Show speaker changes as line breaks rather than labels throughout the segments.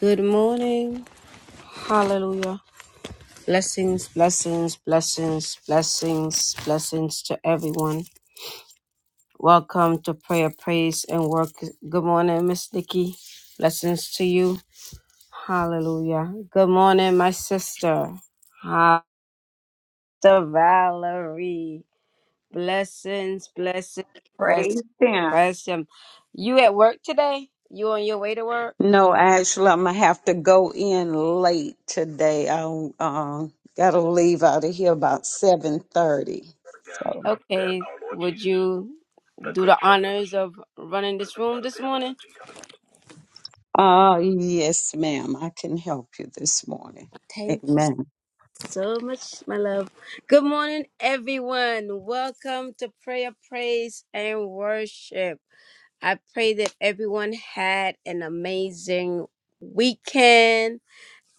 Good morning. Hallelujah. Blessings, blessings, blessings, blessings, blessings to everyone. Welcome to prayer, praise, and work. Good morning, Miss Nikki. Blessings to you. Hallelujah. Good morning, my sister. Ha- Sister Valerie. Blessings, blessings, blessings.
Praise him.
Bless him. You at work today? You on your way to work?
No, actually, I'm gonna have to go in late today. I um gotta leave out of here about seven thirty. So,
Okay, would you do the honors of running this room this morning?
uh, yes, ma'am, I can help you this morning.
Thank you
Amen.
so much, my love. Good morning, everyone. Welcome to Prayer, Praise, and Worship. I pray that everyone had an amazing weekend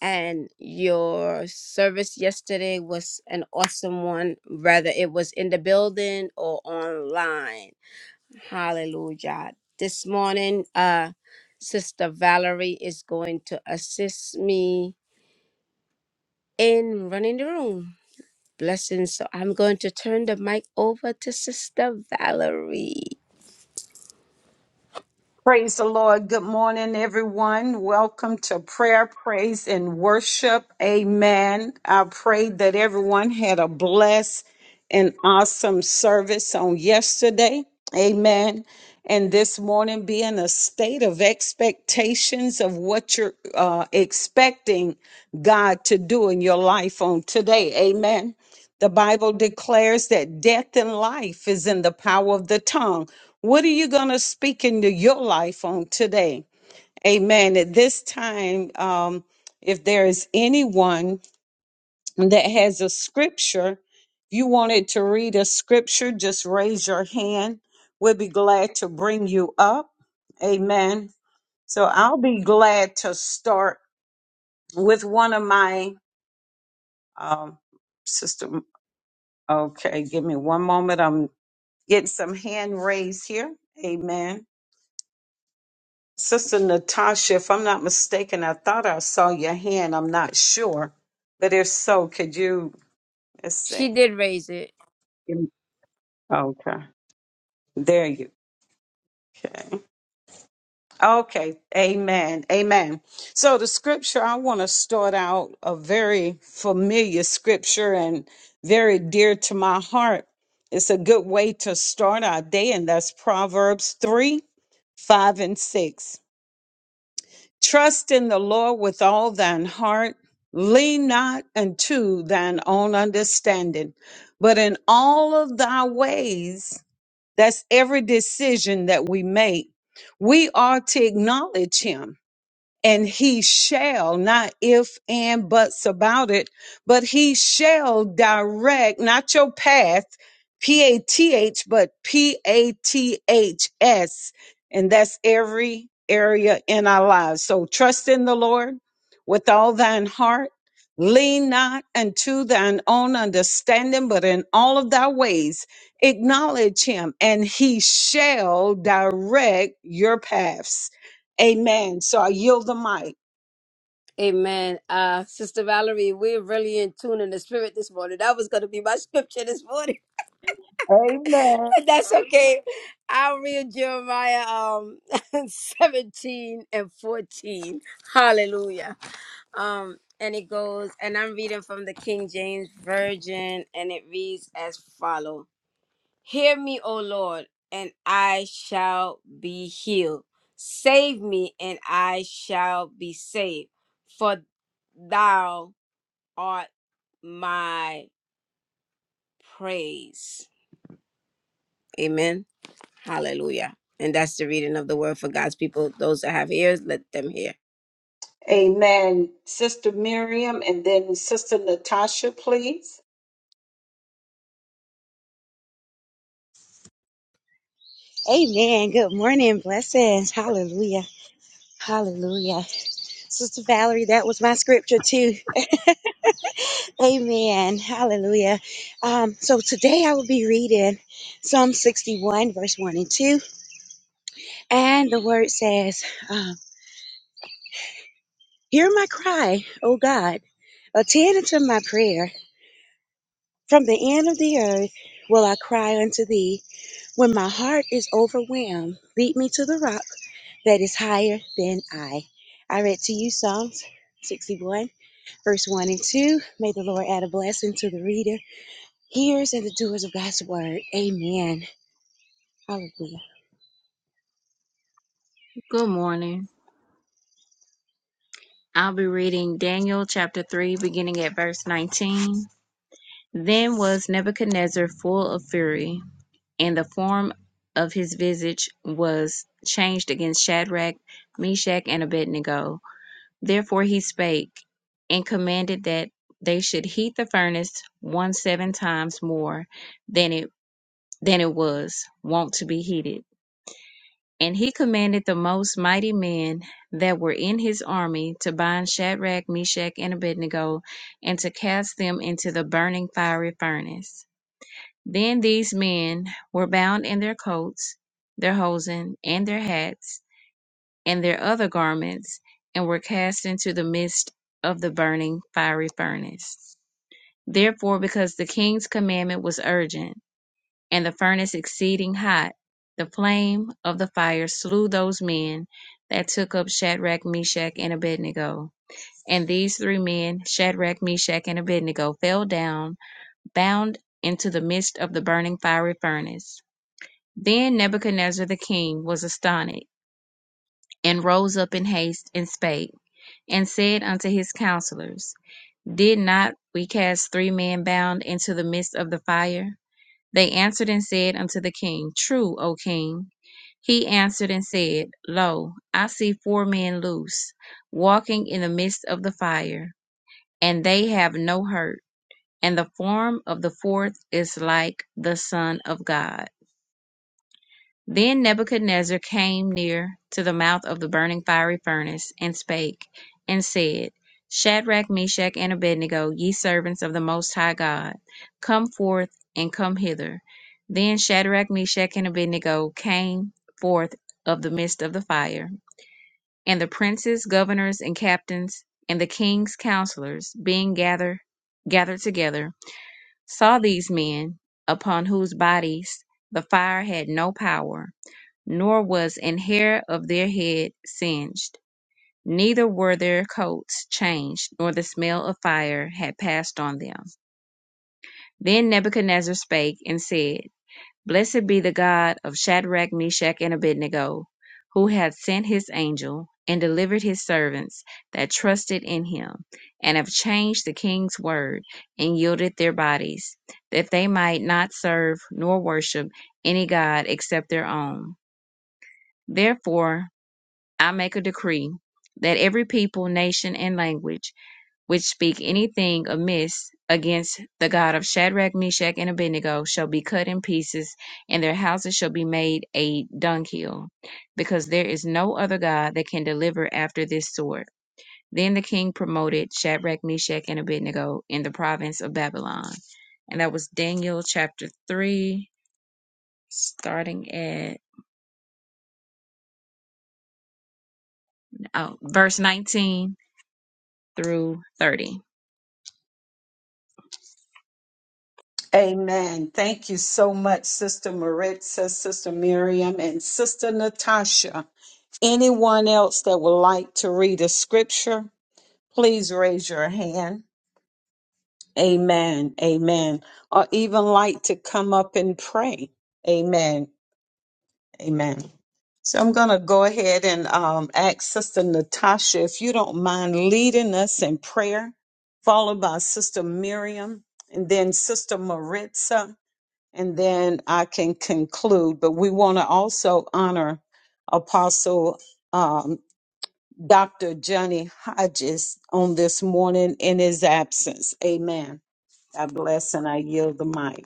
and your service yesterday was an awesome one, whether it was in the building or online. Hallelujah. This morning, uh, Sister Valerie is going to assist me in running the room. Blessings. So I'm going to turn the mic over to Sister Valerie.
Praise the Lord. Good morning, everyone. Welcome to prayer, praise, and worship. Amen. I pray that everyone had a blessed and awesome service on yesterday. Amen. And this morning, be in a state of expectations of what you're uh, expecting God to do in your life on today. Amen. The Bible declares that death and life is in the power of the tongue. What are you going to speak into your life on today? Amen. At this time, um, if there is anyone that has a scripture, if you wanted to read a scripture, just raise your hand. We'll be glad to bring you up. Amen. So I'll be glad to start with one of my um, system. Okay, give me one moment. I'm Getting some hand raised here. Amen. Sister Natasha, if I'm not mistaken, I thought I saw your hand. I'm not sure. But if so, could you, let's
She
see.
did raise it.
Mm. Okay. There you Okay. Okay. Amen. Amen. So the scripture, I want to start out a very familiar scripture and very dear to my heart. It's a good way to start our day, and that's Proverbs 3 5 and 6. Trust in the Lord with all thine heart. Lean not unto thine own understanding, but in all of thy ways, that's every decision that we make, we are to acknowledge him and he shall not if and buts about it but he shall direct not your path p-a-t-h but p-a-t-h-s and that's every area in our lives so trust in the lord with all thine heart lean not unto thine own understanding but in all of thy ways acknowledge him and he shall direct your paths Amen. So I yield the mic.
Amen. Uh, Sister Valerie, we're really in tune in the spirit this morning. That was going to be my scripture this morning.
Amen.
That's okay. I'll read Jeremiah um 17 and 14. Hallelujah. Um, and it goes, and I'm reading from the King James Version, and it reads as follow: Hear me, O Lord, and I shall be healed. Save me, and I shall be saved, for thou art my praise. Amen. Hallelujah. And that's the reading of the word for God's people. Those that have ears, let them hear.
Amen. Sister Miriam and then Sister Natasha, please.
Amen. Good morning. Blessings. Hallelujah. Hallelujah. Sister Valerie, that was my scripture too. Amen. Hallelujah. Um, so today I will be reading Psalm 61, verse 1 and 2. And the word says, um, Hear my cry, O God. Attend unto my prayer. From the end of the earth will I cry unto thee. When my heart is overwhelmed, lead me to the rock that is higher than I. I read to you Psalms 61, verse 1 and 2. May the Lord add a blessing to the reader, hearers, and the doers of God's word. Amen. Hallelujah.
Good morning. I'll be reading Daniel chapter 3, beginning at verse 19. Then was Nebuchadnezzar full of fury, and the form of his visage was changed against Shadrach, Meshach, and Abednego. Therefore he spake and commanded that they should heat the furnace one seven times more than it than it was wont to be heated. And he commanded the most mighty men that were in his army to bind Shadrach, Meshach, and Abednego, and to cast them into the burning fiery furnace. Then these men were bound in their coats, their hosen, and their hats, and their other garments, and were cast into the midst of the burning fiery furnace. Therefore, because the king's commandment was urgent, and the furnace exceeding hot, the flame of the fire slew those men that took up Shadrach, Meshach, and Abednego. And these three men, Shadrach, Meshach, and Abednego, fell down, bound into the midst of the burning fiery furnace. Then Nebuchadnezzar the king was astonished, and rose up in haste, and spake, and said unto his counselors, Did not we cast three men bound into the midst of the fire? They answered and said unto the king, True, O king. He answered and said, Lo, I see four men loose, walking in the midst of the fire, and they have no hurt, and the form of the fourth is like the Son of God. Then Nebuchadnezzar came near to the mouth of the burning fiery furnace, and spake, and said, Shadrach, Meshach, and Abednego, ye servants of the Most High God, come forth and come hither. Then Shadrach, Meshach, and Abednego came forth of the midst of the fire. And the princes, governors, and captains, and the king's counselors, being gathered, gathered together, saw these men, upon whose bodies the fire had no power nor was an hair of their head singed, neither were their coats changed, nor the smell of fire had passed on them. Then Nebuchadnezzar spake and said, Blessed be the God of Shadrach, Meshach, and Abednego, who hath sent his angel, and delivered his servants that trusted in him, and have changed the king's word, and yielded their bodies, that they might not serve nor worship any god except their own. Therefore I make a decree that every people, nation, and language which speak anything amiss against the God of Shadrach, Meshach, and Abednego shall be cut in pieces, and their houses shall be made a dunghill, because there is no other God that can deliver after this sort. Then the king promoted Shadrach, Meshach, and Abednego in the province of Babylon. And that was Daniel chapter 3, starting at oh, verse 19 through 30.
Amen. Thank you so much, Sister Maritza, Sister Miriam, and Sister Natasha. Anyone else that would like to read a scripture, please raise your hand. Amen. Amen. Or even like to come up and pray. Amen. Amen. So I'm going to go ahead and um, ask Sister Natasha if you don't mind leading us in prayer, followed by Sister Miriam and then Sister Maritza, and then I can conclude. But we want to also honor Apostle um, Dr. Johnny Hodges on this morning in his absence. Amen. God bless, and I yield the mic.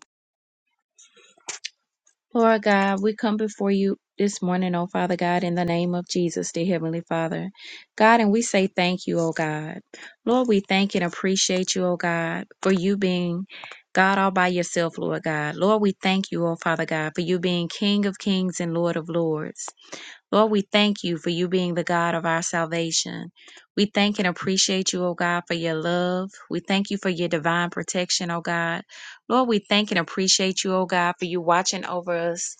Lord God, we come before you this morning, oh Father God, in the name of Jesus, dear Heavenly Father. God, and we say thank you, oh God. Lord, we thank and appreciate you, oh God, for you being God all by yourself, Lord God. Lord, we thank you, oh Father God, for you being King of kings and Lord of lords. Lord, we thank you for you being the God of our salvation. We thank and appreciate you, O God, for your love. We thank you for your divine protection, O God. Lord, we thank and appreciate you, O God, for you watching over us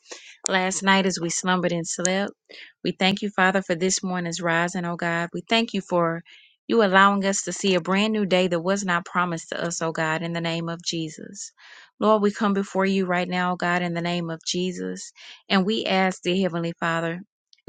last night as we slumbered and slept. We thank you, Father, for this morning's rising, O God. We thank you for you allowing us to see a brand new day that was not promised to us, O God, in the name of Jesus. Lord, we come before you right now, O God, in the name of Jesus, and we ask, dear Heavenly Father,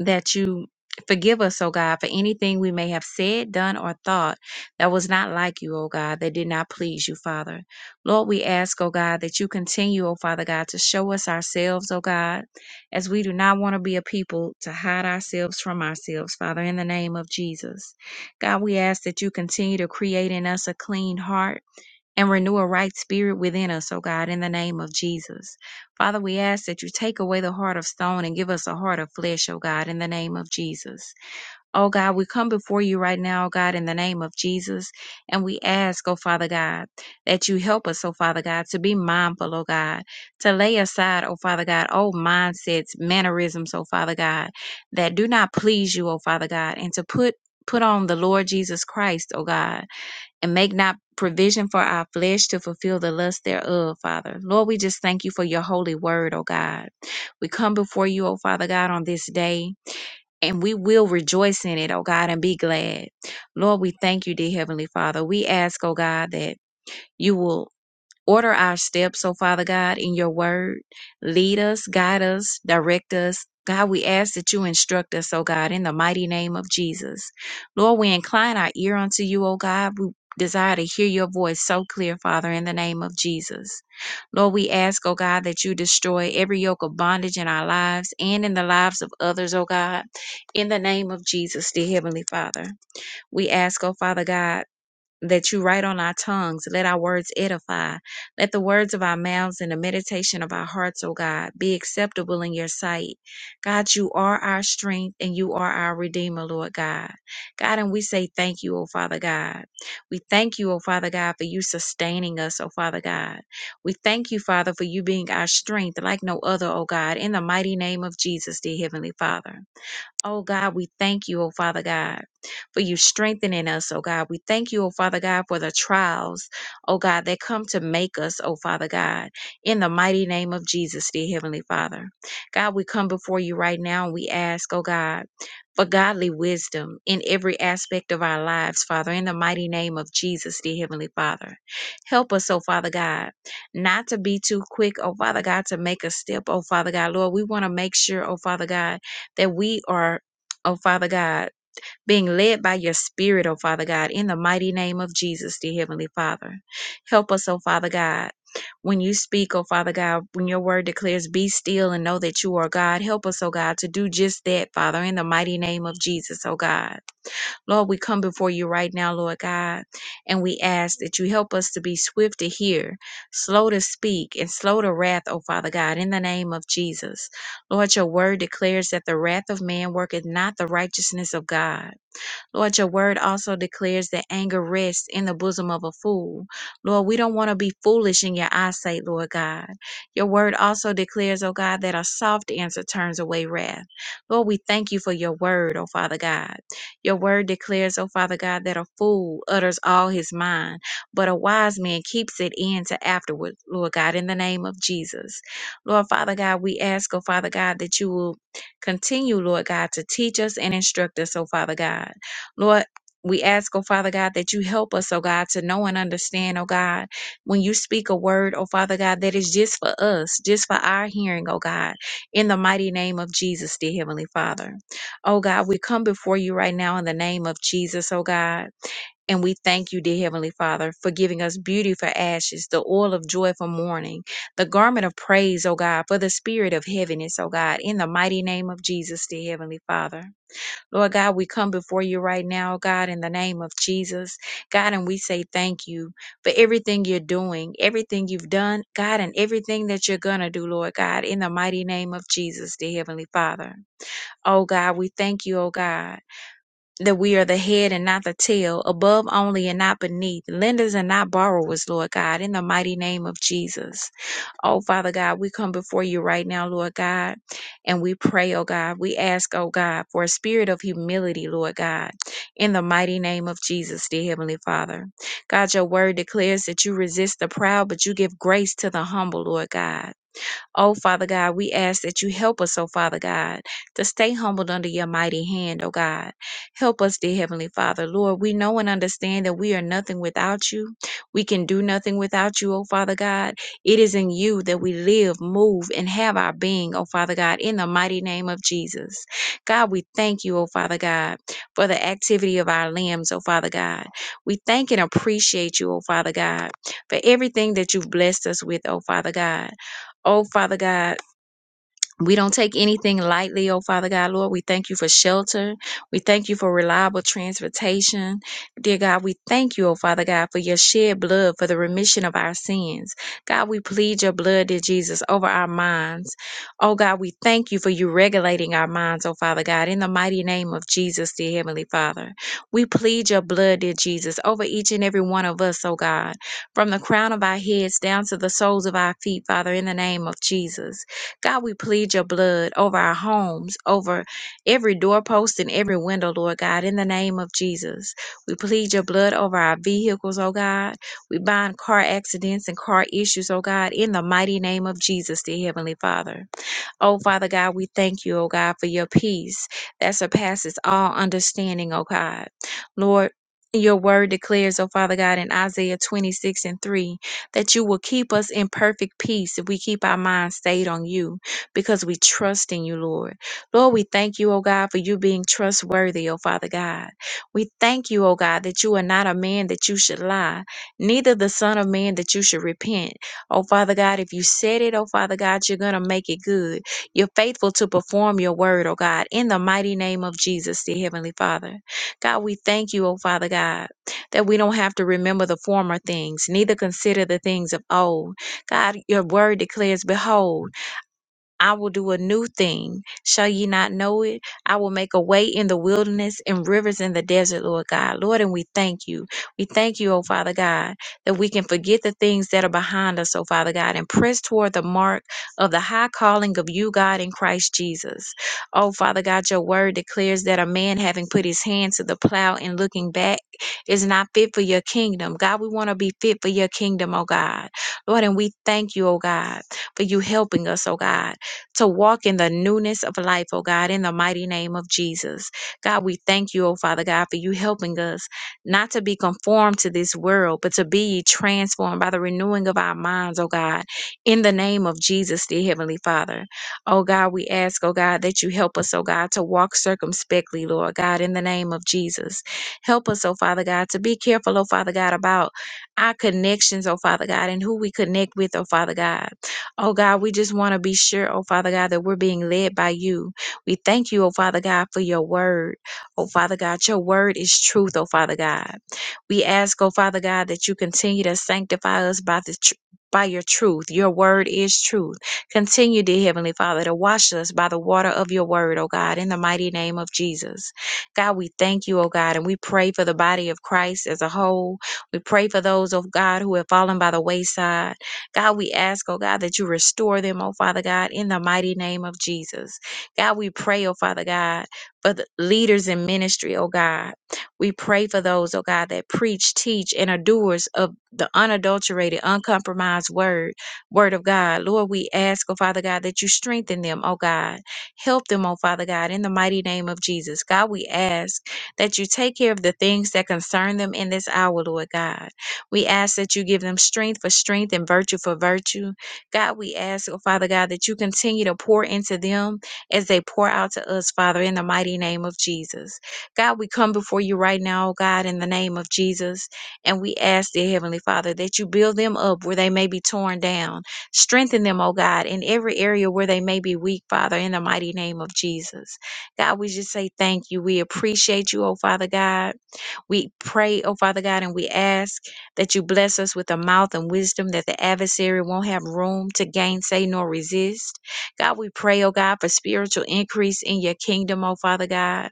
that you forgive us, O God, for anything we may have said, done, or thought that was not like you, O God, that did not please you, Father. Lord, we ask, O God, that you continue, O Father God, to show us ourselves, O God, as we do not want to be a people to hide ourselves from ourselves, Father, in the name of Jesus. God, we ask that you continue to create in us a clean heart and renew a right spirit within us, O God, in the name of Jesus. Father, we ask that you take away the heart of stone and give us a heart of flesh, O God, in the name of Jesus. O God, we come before you right now, O God, in the name of Jesus, and we ask, O Father God, that you help us, O Father God, to be mindful, O God, to lay aside, O Father God, old mindsets, mannerisms, O Father God, that do not please you, O Father God, and to put Put on the Lord Jesus Christ, O God, and make not provision for our flesh to fulfill the lust thereof, Father. Lord, we just thank you for your holy word, oh God. We come before you, oh Father God, on this day. And we will rejoice in it, oh God, and be glad. Lord, we thank you, dear Heavenly Father. We ask, oh God, that you will Order our steps, oh Father God, in your word. Lead us, guide us, direct us. God, we ask that you instruct us, oh God, in the mighty name of Jesus. Lord, we incline our ear unto you, oh God. We desire to hear your voice so clear, Father, in the name of Jesus. Lord, we ask, oh God, that you destroy every yoke of bondage in our lives and in the lives of others, oh God, in the name of Jesus, dear Heavenly Father. We ask, oh Father God that you write on our tongues. Let our words edify. Let the words of our mouths and the meditation of our hearts, O God, be acceptable in your sight. God, you are our strength and you are our redeemer, Lord God. God, and we say thank you, O Father God. We thank you, O Father God, for you sustaining us, O Father God. We thank you, Father, for you being our strength like no other, O God, in the mighty name of Jesus, dear Heavenly Father. Oh God, we thank you, oh Father God, for you strengthening us, oh God. We thank you, oh Father God, for the trials, oh God, that come to make us, oh Father God, in the mighty name of Jesus, dear Heavenly Father. God, we come before you right now and we ask, oh God, for godly wisdom in every aspect of our lives, Father, in the mighty name of Jesus, dear Heavenly Father. Help us, oh Father God, not to be too quick, oh Father God, to make a step, oh Father God. Lord, we want to make sure, oh Father God, that we are, oh Father God, being led by your Spirit, oh Father God, in the mighty name of Jesus, dear Heavenly Father. Help us, oh Father God. When you speak, oh Father God, when your word declares, be still and know that you are God, help us, oh God, to do just that, Father, in the mighty name of Jesus, oh God. Lord, we come before you right now, Lord God, and we ask that you help us to be swift to hear, slow to speak, and slow to wrath, O Father God, in the name of Jesus. Lord, your word declares that the wrath of man worketh not the righteousness of God. Lord, your word also declares that anger rests in the bosom of a fool. Lord, we don't want to be foolish in your eyesight, Lord God. Your word also declares, oh God, that a soft answer turns away wrath. Lord, we thank you for your word, oh Father God. Your word declares, oh Father God, that a fool utters all his mind, but a wise man keeps it in to afterward, Lord God, in the name of Jesus. Lord Father God, we ask, oh Father God, that you will continue, Lord God, to teach us and instruct us, oh Father God. Lord, we ask, oh Father God, that you help us, oh God, to know and understand, oh God, when you speak a word, oh Father God, that is just for us, just for our hearing, oh God, in the mighty name of Jesus, dear Heavenly Father. Oh God, we come before you right now in the name of Jesus, oh God. And we thank you, dear Heavenly Father, for giving us beauty for ashes, the oil of joy for mourning, the garment of praise, oh God, for the spirit of heaviness, oh God, in the mighty name of Jesus, dear Heavenly Father. Lord God, we come before you right now, God, in the name of Jesus. God, and we say thank you for everything you're doing, everything you've done, God, and everything that you're going to do, Lord God, in the mighty name of Jesus, the Heavenly Father. Oh, God, we thank you, oh, God that we are the head and not the tail, above only and not beneath, lenders and not borrowers, Lord God, in the mighty name of Jesus. Oh, Father God, we come before you right now, Lord God, and we pray, oh God. We ask, oh God, for a spirit of humility, Lord God, in the mighty name of Jesus, dear Heavenly Father. God, your word declares that you resist the proud, but you give grace to the humble, Lord God. Oh, Father God, we ask that you help us, oh, Father God, to stay humbled under your mighty hand, oh, God. Help us, dear Heavenly Father. Lord, we know and understand that we are nothing without you. We can do nothing without you, oh, Father God. It is in you that we live, move, and have our being, oh, Father God, in the mighty name of Jesus. God, we thank you, oh, Father God, for the activity of our limbs, oh, Father God. We thank and appreciate you, oh, Father God, for everything that you've blessed us with, oh, Father God. Oh, Father God. We don't take anything lightly, oh Father God, Lord. We thank you for shelter. We thank you for reliable transportation. Dear God, we thank you, oh Father God, for your shed blood for the remission of our sins. God, we plead your blood, dear Jesus, over our minds. Oh God, we thank you for you regulating our minds, oh Father God, in the mighty name of Jesus, dear Heavenly Father. We plead your blood, dear Jesus, over each and every one of us, oh God, from the crown of our heads down to the soles of our feet, Father, in the name of Jesus. God, we plead your blood over our homes, over every doorpost and every window, Lord God, in the name of Jesus. We plead your blood over our vehicles, oh God. We bind car accidents and car issues, oh God, in the mighty name of Jesus, dear Heavenly Father. Oh, Father God, we thank you, oh God, for your peace that surpasses all understanding, oh God. Lord, your word declares, oh Father God, in Isaiah 26 and 3, that you will keep us in perfect peace if we keep our minds stayed on you because we trust in you, Lord. Lord, we thank you, oh God, for you being trustworthy, oh Father God. We thank you, oh God, that you are not a man that you should lie, neither the Son of Man that you should repent. Oh Father God, if you said it, oh Father God, you're going to make it good. You're faithful to perform your word, oh God, in the mighty name of Jesus, dear Heavenly Father. God, we thank you, oh Father God, that we don't have to remember the former things, neither consider the things of old. God, your word declares, Behold, I will do a new thing. Shall ye not know it? I will make a way in the wilderness and rivers in the desert, Lord God. Lord, and we thank you. We thank you, oh Father God, that we can forget the things that are behind us, oh Father God, and press toward the mark of the high calling of you, God, in Christ Jesus. Oh Father God, your word declares that a man having put his hand to the plow and looking back is not fit for your kingdom. God, we want to be fit for your kingdom, oh God. Lord, and we thank you, oh God, for you helping us, oh God to walk in the newness of life, oh God, in the mighty name of Jesus. God, we thank you, oh Father God, for you helping us not to be conformed to this world, but to be ye transformed by the renewing of our minds, oh God, in the name of Jesus, dear Heavenly Father. Oh God, we ask, oh God, that you help us, oh God, to walk circumspectly, Lord God, in the name of Jesus. Help us, oh Father God, to be careful, oh Father God, about our connections, oh Father God, and who we connect with, oh Father God. Oh God, we just want to be sure, oh Father God, that we're being led by you. We thank you, oh Father God, for your word. Oh Father God, your word is truth, oh Father God. We ask, oh Father God, that you continue to sanctify us by the tr- by your truth. Your word is truth. Continue, dear Heavenly Father, to wash us by the water of your word, oh God, in the mighty name of Jesus. God, we thank you, oh God, and we pray for the body of Christ as a whole. We pray for those, oh God, who have fallen by the wayside. God, we ask, oh God, that you restore them, oh Father God, in the mighty name of Jesus. God, we pray, oh Father God, for the leaders in ministry, oh God. We pray for those, oh God, that preach, teach, and are doers of the unadulterated, uncompromised word, word of God. Lord, we ask, oh Father God, that you strengthen them, oh God. Help them, oh Father God, in the mighty name of Jesus. God, we ask that you take care of the things that concern them in this hour, Lord God. We ask that you give them strength for strength and virtue for virtue. God, we ask, oh Father God, that you continue to pour into them as they pour out to us, Father, in the mighty name of Jesus. God, we come before you right now, oh God, in the name of Jesus. And we ask, dear Heavenly Father, that you build them up where they may be torn down. Strengthen them, oh God, in every area where they may be weak, Father, in the mighty name of Jesus. God, we just say thank you. We appreciate you, oh Father God. We pray, oh Father God, and we ask that you bless us with a mouth and wisdom that the adversary won't have room to gainsay nor resist. God, we pray, oh God, for spiritual increase in your kingdom, oh Father God.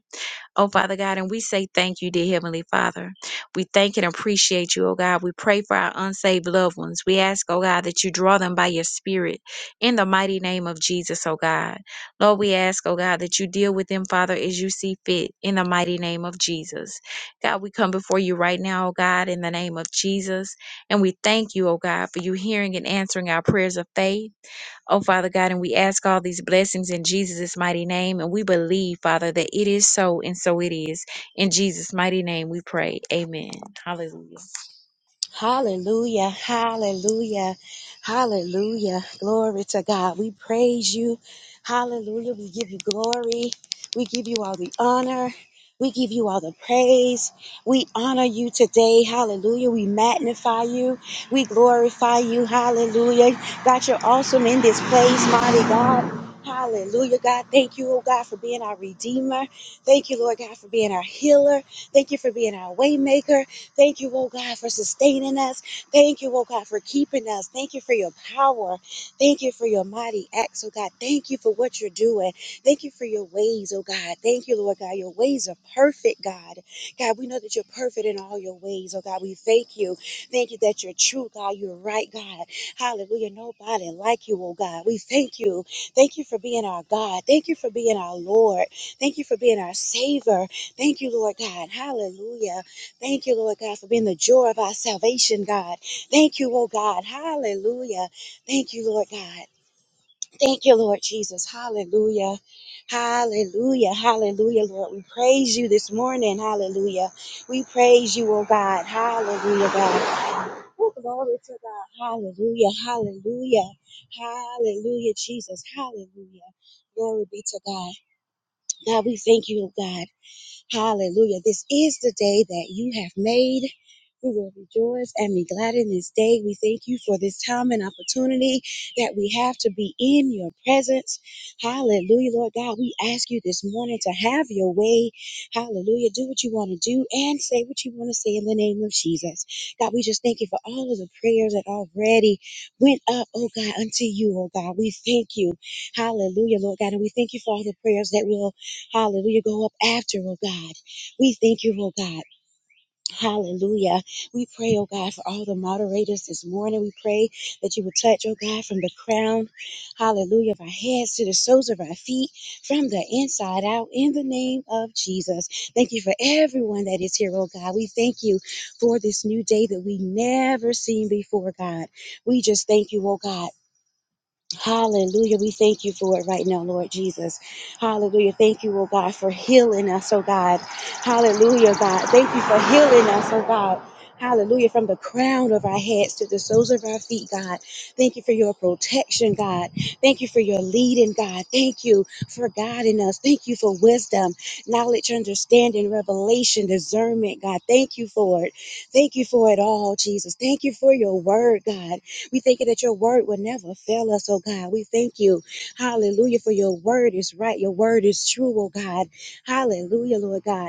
Oh, Father God, and we say thank you, dear Heavenly Father. We thank and appreciate you, oh God. We pray for our unsaved loved ones. We ask, oh God, that you draw them by your Spirit in the mighty name of Jesus, oh God. Lord, we ask, oh God, that you deal with them, Father, as you see fit in the mighty name of Jesus. God, we come before you right now, oh God, in the name of Jesus. And we thank you, oh God, for you hearing and answering our prayers of faith. Oh, Father God, and we ask all these blessings in Jesus' mighty name. And we believe, Father, that it is so and so it is. In Jesus' mighty name we pray. Amen. Hallelujah.
Hallelujah, hallelujah, hallelujah. Glory to God. We praise you. Hallelujah. We give you glory. We give you all the honor. We give you all the praise. We honor you today. Hallelujah. We magnify you. We glorify you. Hallelujah. God, you're awesome in this place, mighty God. Hallelujah, God. Thank you, oh God, for being our Redeemer. Thank you, Lord God, for being our healer. Thank you for being our waymaker. Thank you, oh God, for sustaining us. Thank you, oh God, for keeping us. Thank you for your power. Thank you for your mighty acts, oh God. Thank you for what you're doing. Thank you for your ways, oh God. Thank you, Lord God. Your ways are perfect, God. God, we know that you're perfect in all your ways, oh God. We thank you. Thank you that you're true, God. You're right, God. Hallelujah. Nobody like you, oh God. We thank you. Thank you for being our God. Thank you for being our Lord. Thank you for being our Savior. Thank you, Lord God. Hallelujah. Thank you, Lord God, for being the joy of our salvation, God. Thank you, oh God. Hallelujah. Thank you, Lord God. Thank you, Lord Jesus. Hallelujah. Hallelujah. Hallelujah, Lord. We praise you this morning. Hallelujah. We praise you, oh God. Hallelujah, God. Oh, glory to God. Hallelujah. Hallelujah. Hallelujah, Jesus. Hallelujah. Glory be to God. God, we thank you, oh God. Hallelujah. This is the day that you have made. We will rejoice and be glad in this day. We thank you for this time and opportunity that we have to be in your presence. Hallelujah, Lord God. We ask you this morning to have your way. Hallelujah. Do what you want to do and say what you want to say in the name of Jesus. God, we just thank you for all of the prayers that already went up, oh God, unto you, oh God. We thank you. Hallelujah, Lord God. And we thank you for all the prayers that will, hallelujah, go up after, oh God. We thank you, oh God. Hallelujah. We pray, oh God, for all the moderators this morning. We pray that you would touch, oh God, from the crown, hallelujah, of our heads to the soles of our feet, from the inside out, in the name of Jesus. Thank you for everyone that is here, oh God. We thank you for this new day that we never seen before, God. We just thank you, oh God. Hallelujah. We thank you for it right now, Lord Jesus. Hallelujah. Thank you, oh God, for healing us, oh God. Hallelujah, God. Thank you for healing us, oh God. Hallelujah. From the crown of our heads to the soles of our feet, God. Thank you for your protection, God. Thank you for your leading, God. Thank you for guiding us. Thank you for wisdom, knowledge, understanding, revelation, discernment, God. Thank you for it. Thank you for it all, Jesus. Thank you for your word, God. We thank you that your word will never fail us, oh God. We thank you, hallelujah, for your word is right. Your word is true, oh God. Hallelujah, Lord God.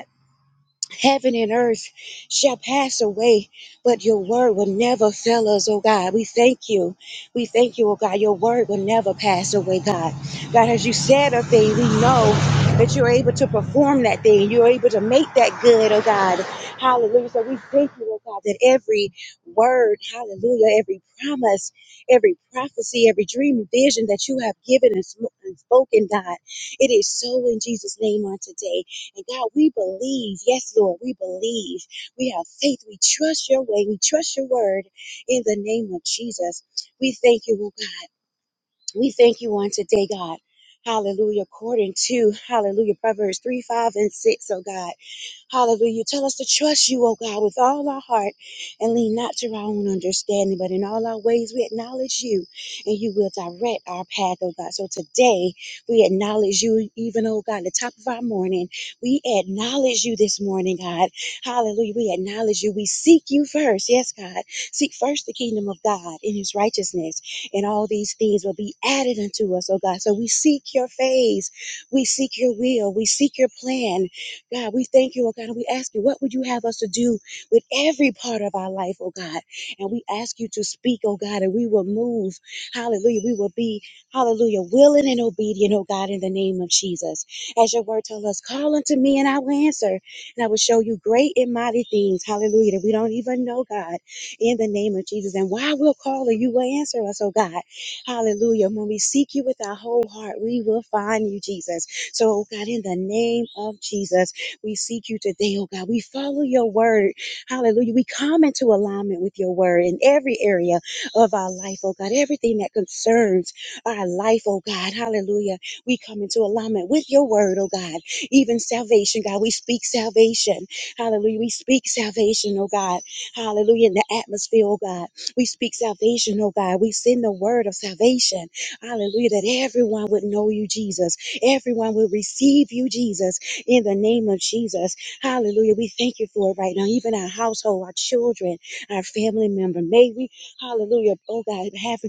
Heaven and earth shall pass away, but your word will never fail us, oh God. We thank you. We thank you, oh God. Your word will never pass away, God. God, as you said a thing, we know that you're able to perform that thing. You're able to make that good, oh God. Hallelujah. So we thank you, oh God, that every word, hallelujah, every promise, every prophecy, every dream and vision that you have given and sm- and spoken, God, it is so in Jesus' name on today. And God, we believe. Yes, Lord, we believe. We have faith. We trust your way. We trust your word in the name of Jesus. We thank you, oh God. We thank you on today, God. Hallelujah. According to Hallelujah, Proverbs 3, 5, and 6, oh God. Hallelujah. You Tell us to trust you, oh God, with all our heart and lean not to our own understanding, but in all our ways we acknowledge you and you will direct our path, oh God. So today we acknowledge you, even, oh God, the top of our morning. We acknowledge you this morning, God. Hallelujah. We acknowledge you. We seek you first. Yes, God. Seek first the kingdom of God in his righteousness and all these things will be added unto us, oh God. So we seek your face, we seek your will, we seek your plan. God, we thank you, oh God, and we ask you, what would you have us to do with every part of our life, oh God? And we ask you to speak, oh God, and we will move. Hallelujah. We will be, hallelujah, willing and obedient, oh God, in the name of Jesus. As your word tells us, call unto me and I will answer, and I will show you great and mighty things, hallelujah, that we don't even know, God in the name of Jesus. And while we'll call and you will answer us, oh God. Hallelujah. When we seek you with our whole heart, we will find you, Jesus. So, oh God, in the name of Jesus, we seek you today, oh God. We follow your word. Hallelujah. We come into alignment with your word in every area of our life, oh God. Everything that concerns our life, oh God. Hallelujah. We come into alignment with your word, oh God. Even salvation, God. We speak salvation. Hallelujah. We speak salvation, oh God. Hallelujah. In the atmosphere, oh God. We speak salvation, oh God. We send the word of salvation. Hallelujah. That everyone would know you, Jesus. Everyone will receive you, Jesus, in the name of Jesus. Hallelujah. We thank you for it right now. Even our household, our children, our family member. May we, hallelujah, oh God, have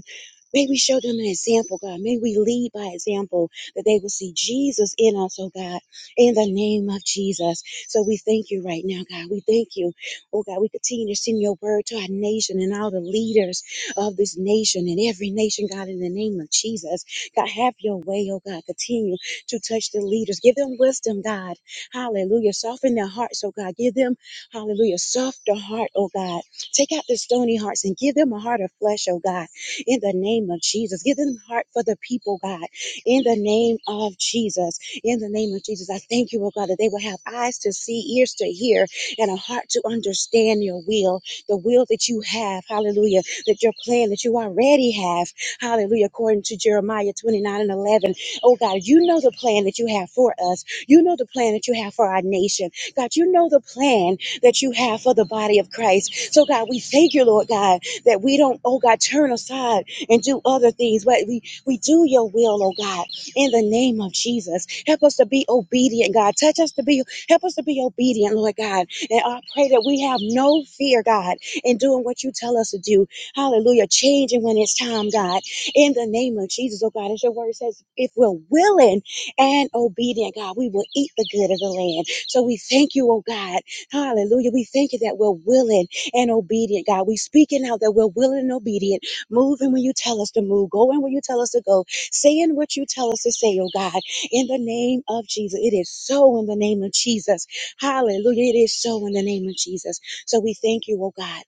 May we show them an example, God. May we lead by example that they will see Jesus in us, oh God, in the name of Jesus. So we thank you right now, God. We thank you Oh God, we continue to send your word to our nation and all the leaders of this nation and every nation, God, in the name of Jesus. God, have your way, oh God. Continue to touch the leaders. Give them wisdom, God. Hallelujah. Soften their hearts, oh God. Give them, hallelujah, softer heart, oh God. Take out the stony hearts and give them a heart of flesh, oh God, in the name of Jesus. Give them a heart for the people, God, in the name of Jesus. In the name of Jesus, I thank you, oh God, that they will have eyes to see, ears to hear, and a heart to understand your will, the will that you have, hallelujah, that your plan that you already have, hallelujah, according to Jeremiah 29 and 11. Oh God, you know the plan that you have for us. You know the plan that you have for our nation. God, you know the plan that you have for the body of Christ. So God, we thank you, Lord God, that we don't, oh God, turn aside and do other things, but we, we do your will, oh God, in the name of Jesus. Help us to be obedient, God. Touch us to be, help us to be obedient, Lord God and I pray that we have no fear, God, in doing what you tell us to do. Hallelujah. Changing when it's time, God. In the name of Jesus, oh God, as your word says, if we're willing and obedient, God, we will eat the good of the land. So we thank you, oh God. Hallelujah. We thank you that we're willing and obedient, God. We speaking out that we're willing and obedient, moving when you tell us to move, going when you tell us to go, saying what you tell us to say, oh God. In the name of Jesus. It is so in the name of Jesus. Hallelujah. It is so in the name of Jesus. So we thank you, oh God.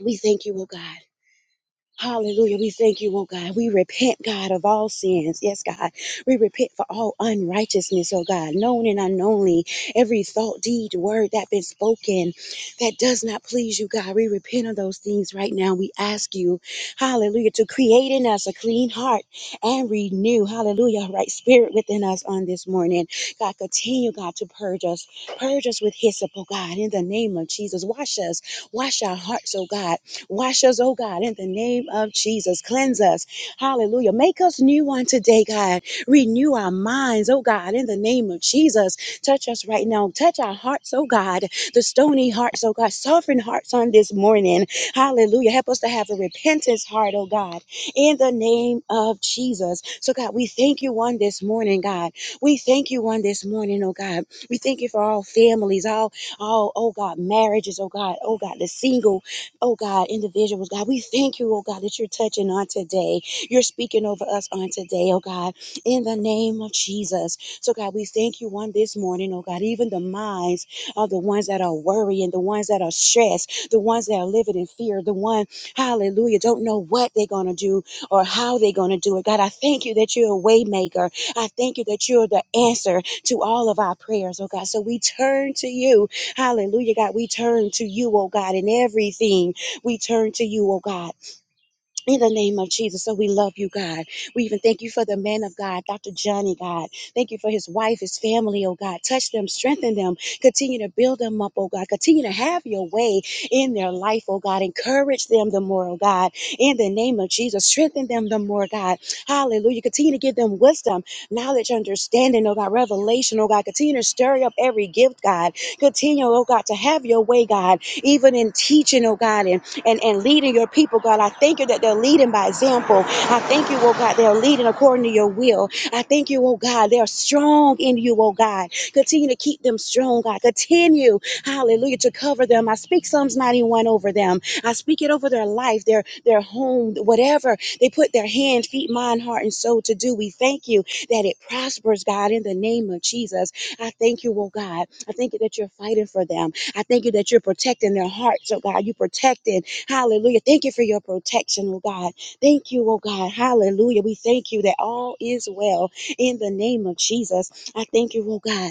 We thank you, oh God. Hallelujah. We thank you, oh God. We repent, God, of all sins. Yes, God. We repent for all unrighteousness, oh God, known and unknownly. Every thought, deed, word that been spoken that does not please you, God. We repent of those things right now. We ask you, hallelujah, to create in us a clean heart and renew, hallelujah, right spirit within us on this morning. God, continue, God, to purge us. Purge us with hyssop, oh God, in the name of Jesus. Wash us. Wash our hearts, oh God. Wash us, oh God, in the name of Jesus. Cleanse us. Hallelujah. Make us new on today, God. Renew our minds, oh God, in the name of Jesus. Touch us right now. Touch our hearts, oh God. The stony hearts, oh God. Soften hearts on this morning. Hallelujah. Help us to have a repentance heart, oh God, in the name of Jesus. So, God, we thank you on this morning, God. We thank you on this morning, oh God. We thank you for all families, all, all, oh God, marriages, oh God, oh God, the single oh God, individuals, God, we thank you, oh God, that you're touching on today. You're speaking over us on today, oh God, in the name of Jesus. So, God, we thank you on this morning, oh God, even the minds of the ones that are worrying, the ones that are stressed, the ones that are living in fear, the one, hallelujah, don't know what they're going to do or how they're going to do it. God, I thank you that you're a way maker. I thank you that you're the answer to all of our prayers, oh God. So we turn to you, hallelujah, God. We turn to you, oh God, in everything. We turn to you, oh God, in the name of Jesus. So we love you, God. We even thank you for the man of God, Dr. Johnny, God. Thank you for his wife, his family, oh God. Touch them, strengthen them, continue to build them up, oh God. Continue to have your way in their life, oh God. Encourage them the more, oh God. In the name of Jesus, strengthen them the more, God. Hallelujah. Continue to give them wisdom, knowledge, understanding, oh God, revelation, oh God. Continue to stir up every gift, God. Continue, oh God, to have your way, God, even in teaching, oh God, and and, and leading your people, God. I thank you that they're leading by example. I thank you, oh God, they're leading according to your will. I thank you, oh God, they're strong in you, oh God. Continue to keep them strong, God. Continue, hallelujah, to cover them. I speak Psalms 91 over them. I speak it over their life, their their home, whatever they put their hand, feet, mind, heart, and soul to do. We thank you that it prospers, God, in the name of Jesus. I thank you, oh God. I thank you that you're fighting for them. I thank you that you're protecting their hearts, oh God. You protected Hallelujah. Thank you for your protection, oh God. Thank you, oh God. Hallelujah. We thank you that all is well in the name of Jesus. I thank you, oh God.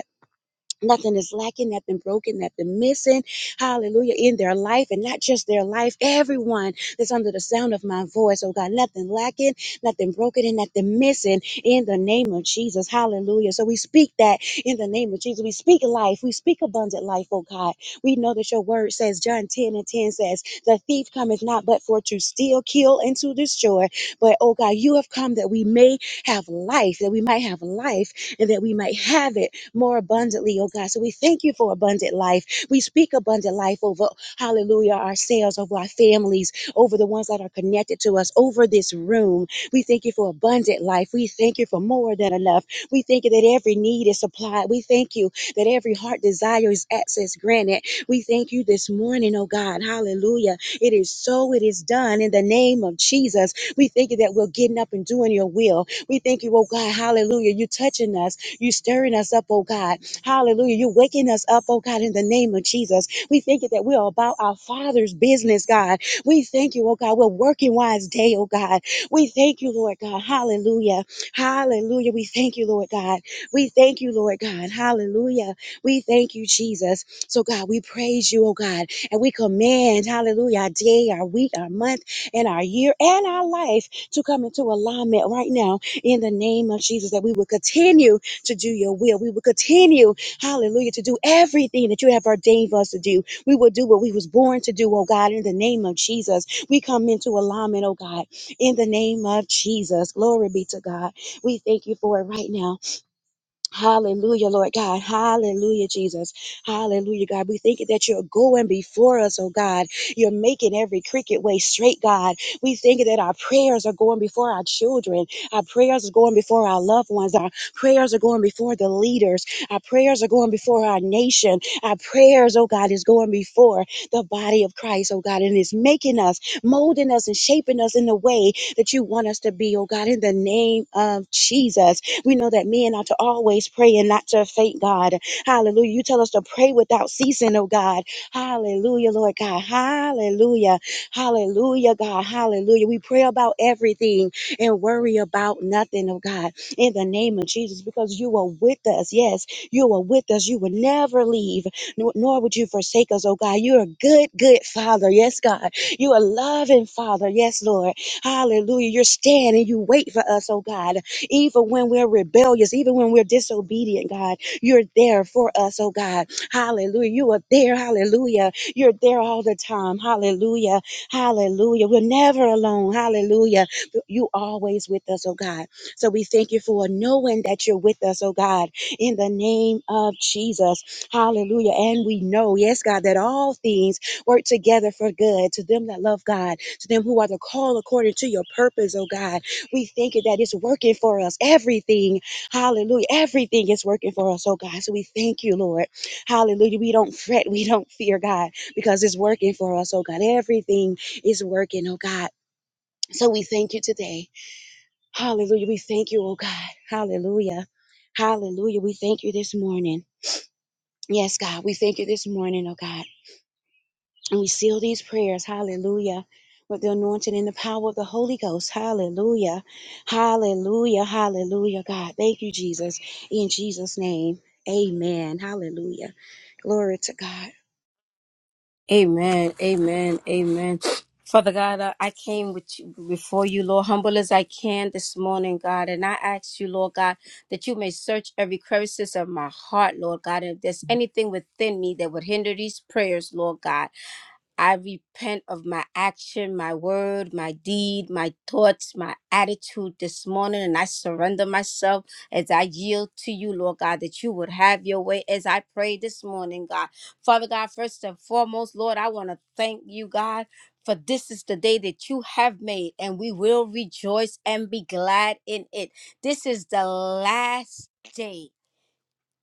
Nothing is lacking, nothing broken, nothing missing. Hallelujah. In their life and not just their life, everyone that's under the sound of my voice. Oh God, nothing lacking, nothing broken, and nothing missing in the name of Jesus. Hallelujah. So we speak that in the name of Jesus. We speak life. We speak abundant life, oh God. We know that your word says, John 10 and 10 says, The thief cometh not but for to steal, kill, and to destroy. But oh God, you have come that we may have life, that we might have life, and that we might have it more abundantly, oh God. So we thank you for abundant life. We speak abundant life over, hallelujah, ourselves, over our families, over the ones that are connected to us, over this room. We thank you for abundant life. We thank you for more than enough. We thank you that every need is supplied. We thank you that every heart desire is access granted. We thank you this morning, oh God. Hallelujah. It is so, it is done in the name of Jesus. We thank you that we're getting up and doing your will. We thank you, oh God. Hallelujah. You touching us. You stirring us up, oh God. Hallelujah. You waking us up, oh God, in the name of Jesus. We thank you that we are about our Father's business, God. We thank you, oh God. We're working wise day, oh God. We thank you, Lord God. Hallelujah. Hallelujah. We thank you, Lord God. We thank you, Lord God. Hallelujah. We thank you, Jesus. So, God, we praise you, oh God, and we command, hallelujah, our day, our week, our month, and our year, and our life to come into alignment right now in the name of Jesus, that we will continue to do your will. We will continue, hallelujah, to do everything that you have ordained for us to do. We will do what we was born to do, oh God, in the name of Jesus. We come into alignment, oh God, in the name of Jesus. Glory be to God. We thank you for it right now. Hallelujah, Lord God. Hallelujah, Jesus. Hallelujah, God. We thank you that you're going before us, oh God. You're making every cricket way straight, God. We thank you that our prayers are going before our children. Our prayers are going before our loved ones. Our prayers are going before the leaders. Our prayers are going before our nation. Our prayers, oh God, is going before the body of Christ, oh God, and it's making us, molding us, and shaping us in the way that you want us to be, oh God, in the name of Jesus. We know that men ought to always pray and not to faint, God. Hallelujah. You tell us to pray without ceasing, oh God. Hallelujah, Lord God. Hallelujah. Hallelujah, God. Hallelujah. We pray about everything and worry about nothing, oh God, in the name of Jesus, because you are with us. Yes, you are with us. You will never leave, nor, nor would you forsake us, oh God. You're a good, good Father. Yes, God. You are loving Father. Yes, Lord. Hallelujah. You're standing. You wait for us, oh God. Even when we're rebellious, even when we're disobedient, God, you're there for us, oh God. Hallelujah. You are there. Hallelujah. You're there all the time. Hallelujah. Hallelujah. We're never alone. Hallelujah. You always with us, oh God. So we thank you for knowing that you're with us, oh God, in the name of Jesus. Hallelujah. And we know, yes, God, that all things work together for good to them that love God, to them who are the call according to your purpose, oh God. We thank you that it's working for us. Everything, hallelujah, everything is working for us, oh God. So we thank you, Lord. Hallelujah. We don't fret, we don't fear, God, because it's working for us, oh God. Everything is working, oh God. So we thank you today. Hallelujah. We thank you, oh God. Hallelujah. Hallelujah. We thank you this morning. Yes, God, we thank you this morning, oh God. And we seal these prayers, hallelujah, with the anointing and the power of the Holy Ghost, hallelujah, hallelujah, hallelujah, God. Thank you, Jesus. In Jesus' name, amen, hallelujah. Glory to God.
Amen. Amen. Amen. Father God, I I came with you, before you, Lord, humble as I can this morning, God, and I ask you, Lord God, that you may search every crevices of my heart, Lord God. And if there's anything within me that would hinder these prayers, Lord God. I repent of my action, my word, my deed, my thoughts, my attitude this morning, and I surrender myself as I yield to you, Lord God, that you would have your way as I pray this morning, God. Father God, first and foremost, Lord, I want to thank you, God. For this is the day that you have made, and we will rejoice and be glad in it. This is the last day.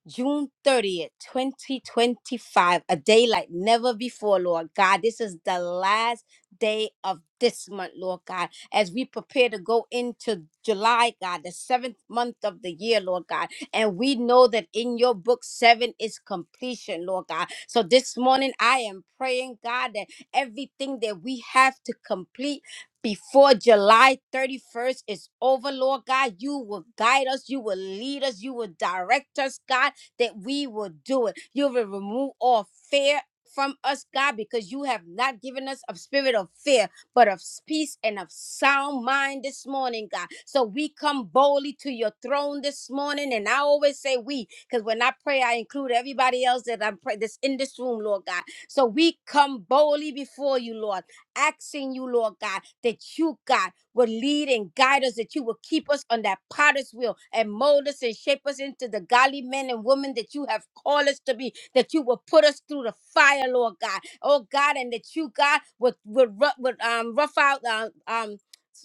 June 30th, 2025, a day like never before, Lord God. This is the last day of this month, Lord God, as we prepare to go into July, God, the seventh month of the year, Lord God. And we know that in your book, seven is completion, Lord God. So this morning, I am praying, God, that everything that we have to complete. Before July 31st is over, Lord God, you will guide us, you will lead us, you will direct us, God that we will do it. You will remove all fear from us, God, because you have not given us a spirit of fear, but of peace and of sound mind this morning, God. So we come boldly to your throne this morning. And I always say we, because when I pray, I include everybody else that I'm pray that's in this room, Lord God. So we come boldly before you, Lord asking you, Lord God, that you, God, will lead and guide us, that you will keep us on that potter's wheel and mold us and shape us into the godly men and women that you have called us to be, that you will put us through the fire, Lord God. Oh God, and that you, God, would would, ru- would um rough out uh, um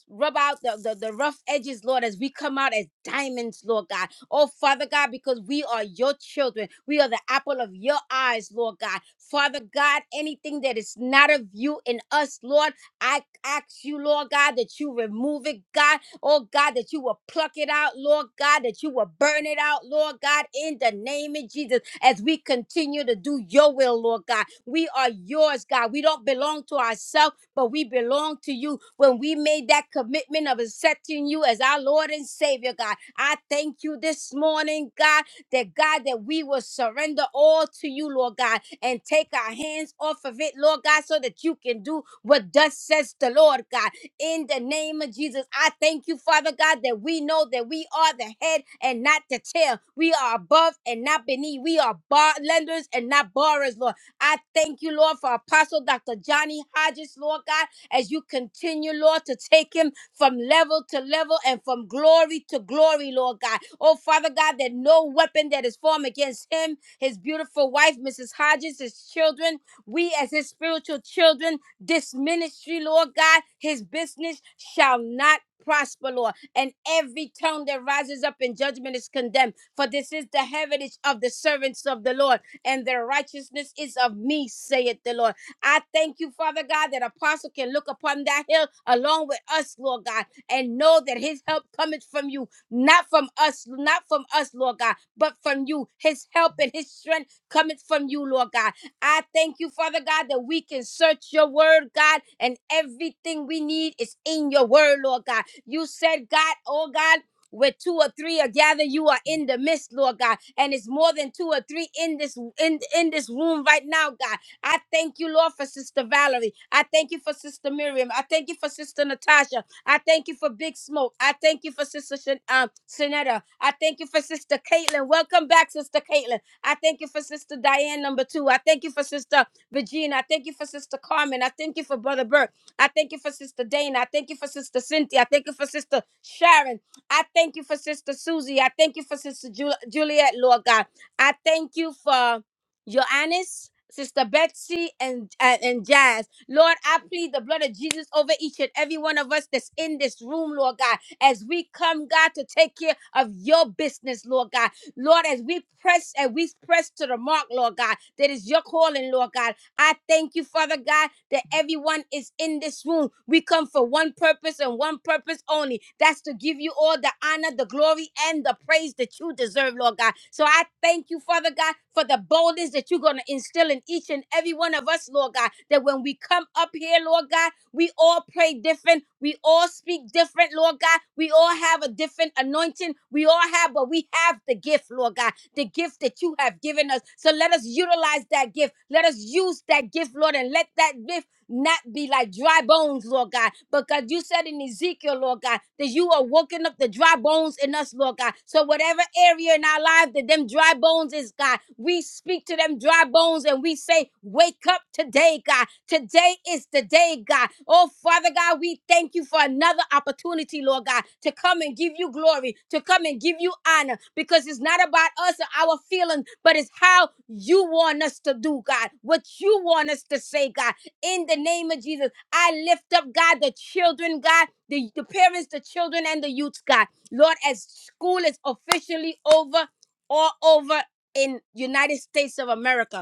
rub out the, the, the rough edges, Lord, as we come out as diamonds, Lord God Oh, Father God, because we are your children. We are the apple of your eyes, Lord God. Father God, anything that is not of you in us, Lord, I ask you, Lord God, that you remove it, God. Oh, God, that you will pluck it out, Lord God, that you will burn it out, Lord God, in the name of Jesus, as we continue to do your will, Lord God. We are yours, God. We don't belong to ourselves but we belong to you when we made that commitment of accepting you as our Lord and Savior, God. I thank you this morning, God, that God, that we will surrender all to you, Lord God, and take our hands off of it, Lord God, so that you can do what thus says the Lord, God. In the name of Jesus, I thank you, Father God, that we know that we are the head and not the tail. We are above and not beneath. We are bar lenders and not borrowers, Lord. I thank you, Lord, for Apostle Dr. Johnny Hodges, Lord God, as you continue, Lord, to take him from level to level and from glory to glory, Lord God. Oh, Father God, that no weapon that is formed against him, his beautiful wife, Mrs. Hodges, his children, we as his spiritual children, this ministry, Lord God, his business shall not prosper, Lord. And every tongue that rises up in judgment is condemned. For this is the heritage of the servants of the Lord and their righteousness is of me, saith the Lord. I thank you, Father God, that apostle can look upon that hill along with us, Lord God, and know that his help cometh from you, not from us, not from us, Lord God, but from you. His help and his strength cometh from you, Lord God. I thank you, Father God, that we can search your word, God, and everything we need is in your word, Lord God. You said, God, oh God where two or three are gathered you are in the midst lord god and it's more than two or three in this in in this room right now god i thank you lord for sister valerie i thank you for sister miriam i thank you for sister natasha i thank you for big smoke i thank you for sister Shan- um Shanetta. i thank you for sister caitlin welcome back sister caitlin i thank you for sister diane number two i thank you for sister regina i thank you for sister carmen i thank you for brother burke I thank you for Sister Dana. I thank you for Sister Cynthia. I thank you for Sister Sharon. I thank you for Sister Susie. I thank you for Sister Ju- Juliet, Lord God. I thank you for Joannis, Sister Betsy, and, and, and Jazz. Lord, I plead the blood of Jesus over each and every one of us that's in this room, Lord God, as we come, God, to take care of your business, Lord God. Lord, as we press and we press to the mark, Lord God, that is your calling, Lord God. I thank you, Father God, that everyone is in this room. We come for one purpose and one purpose only. That's to give you all the honor, the glory, and the praise that you deserve, Lord God. So I thank you, Father God, for the boldness that you're going to instill in each and every one of us, Lord God, that when we come up here, Lord God, we all pray different. We all speak different, Lord God. We all have a different anointing. We all have, but we have the gift, Lord God the gift that you have given us. So let us utilize that gift. Let us use that gift, Lord, and let that gift not be like dry bones, Lord God, because you said in Ezekiel, Lord God, that you are working up the dry bones in us, Lord God. So whatever area in our life that them dry bones is, God, we speak to them dry bones and we say, wake up today, God. Today is the day, God. Oh, Father God, we thank you for another opportunity, Lord God, to come and give you glory, to come and give you honor, because it's not about us or our feelings, but it's how you want us to do, God, what you want us to say, God, in the name of Jesus. I lift up, God, the children, God, the, the parents, the children, and the youths, God. Lord, as school is officially over all over in United States of America.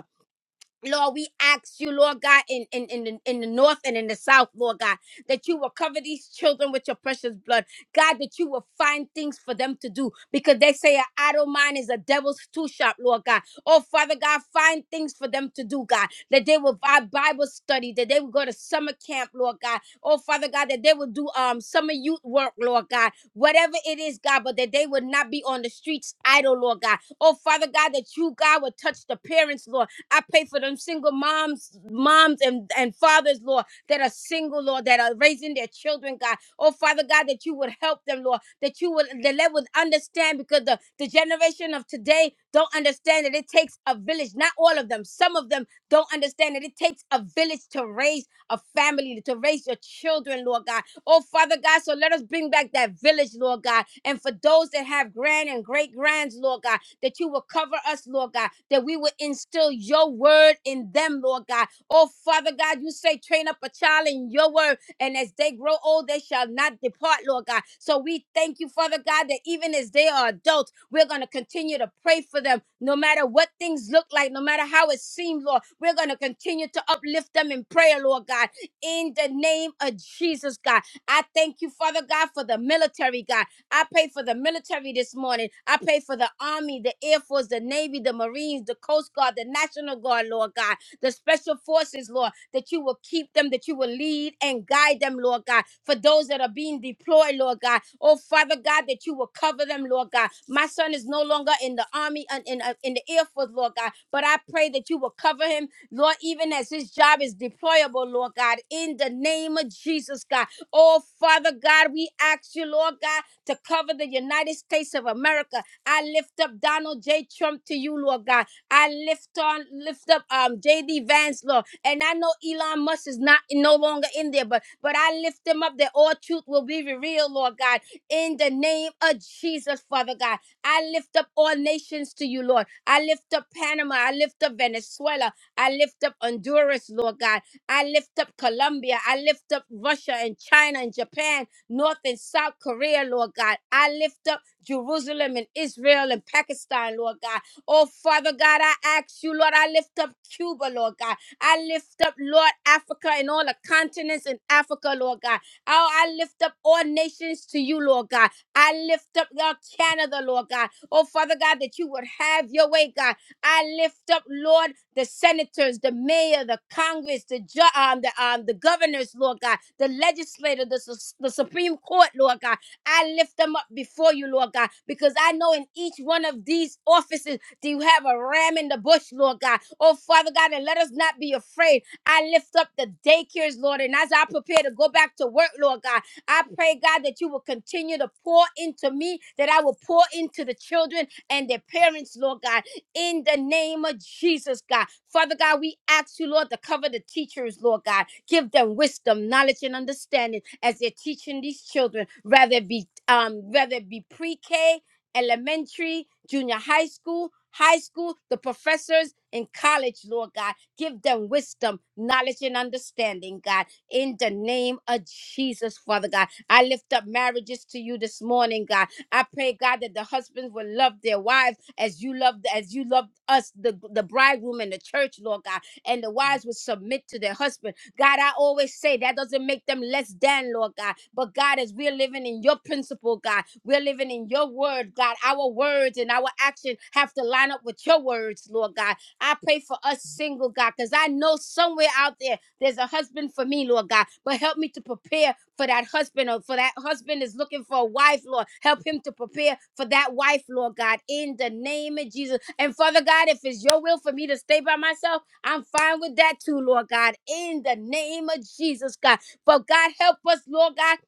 Lord, we ask you, Lord God, in, in, in, the, in the north and in the south, Lord God, that you will cover these children with your precious blood. God, that you will find things for them to do because they say an idle mind is a devil's tool shop, Lord God. Oh, Father God, find things for them to do, God, that they will buy Bible study, that they will go to summer camp, Lord God. Oh, Father God, that they will do um summer youth work, Lord God. Whatever it is, God, but that they would not be on the streets idle, Lord God. Oh, Father God, that you, God, would touch the parents, Lord I pray for them single moms, moms and, and fathers, Lord, that are single, Lord, that are raising their children, God. Oh, Father God, that you would help them, Lord, that you would that they would understand because the, the generation of today don't understand that it takes a village. Not all of them. Some of them don't understand that it takes a village to raise a family, to raise your children, Lord God. Oh, Father God, so let us bring back that village, Lord God. And for those that have grand and great grands, Lord God, that you will cover us, Lord God, that we will instill your word in them, Lord God. Oh, Father God, you say, train up a child in your word, and as they grow old, they shall not depart, Lord God. So we thank you, Father God, that even as they are adults, we're going to continue to pray for them, no matter what things look like, no matter how it seems, Lord. We're going to continue to uplift them in prayer, Lord God, in the name of Jesus, God. I thank you, Father God, for the military, God. I pray for the military this morning. I pray for the Army, the Air Force, the Navy, the Marines, the Coast Guard, the National Guard, Lord God, the Special Forces, Lord, that you will keep them, that you will lead and guide them, Lord God. For those that are being deployed, Lord God, oh Father God, that you will cover them, Lord God. My son is no longer in the Army and in, uh, in the Air Force, Lord God, but I pray that you will cover him, Lord, even as his job is deployable, Lord God, in the name of Jesus, God. Oh, Father God, we ask you, Lord God, to cover the United States of America. I lift up Donald J. Trump to you, Lord God. I lift on, lift up um JD Vance, Lord. And I know Elon Musk is not no longer in there, but but I lift them up that all truth will be revealed, Lord God. In the name of Jesus, Father God. I lift up all nations to you, Lord. I lift up Panama. I lift up Venezuela. I lift up Honduras, Lord God. I lift up Colombia. I lift up Russia and China and Japan, North and South Korea, Lord God. I lift up Jerusalem and Israel and Pakistan, Lord God. Oh, Father God, I ask you, Lord, I lift up Cuba, Lord God. I lift up, Lord, Africa and all the continents in Africa, Lord God. Oh, I lift up all nations to you, Lord God. I lift up, Lord, Canada, Lord God. Oh, Father God, that you would have your way, God. I lift up, Lord, the senators, the mayor, the Congress, the ju- um, the um, the governors, Lord God, the legislator, the, sus- the Supreme Court, Lord God. I lift them up before you, Lord God, because I know in each one of these offices do you have a ram in the bush, Lord God. Oh, Father God, and let us not be afraid. I lift up the daycares, Lord, and as I prepare to go back to work, Lord God, I pray, God, that you will continue to pour into me, that I will pour into the children and their parents, Lord God in the name of Jesus, God. Father God, we ask you, Lord, to cover the teachers, Lord God. Give them wisdom, knowledge, and understanding as they're teaching these children, rather it be um, whether it be pre-K, elementary, junior high school, high school, the professors in college, Lord God. Give them wisdom, knowledge, and understanding, God. In the name of Jesus, Father God. I lift up marriages to you this morning, God. I pray, God, that the husbands will love their wives as you love as you loved us, the, the bridegroom and the church, Lord God, and the wives would submit to their husband. God, I always say that doesn't make them less than, Lord God. But God, as we're living in your principle, God, we're living in your word, God. Our words and our action have to line up with your words, Lord God. I pray for us single, God, because I know somewhere out there there's a husband for me, Lord God, but help me to prepare for that husband or for that husband is looking for a wife, Lord. Help him to prepare for that wife, Lord God, in the name of Jesus. And Father God, if it's your will for me to stay by myself, I'm fine with that too, Lord God, in the name of Jesus, God. But God, help us, Lord God.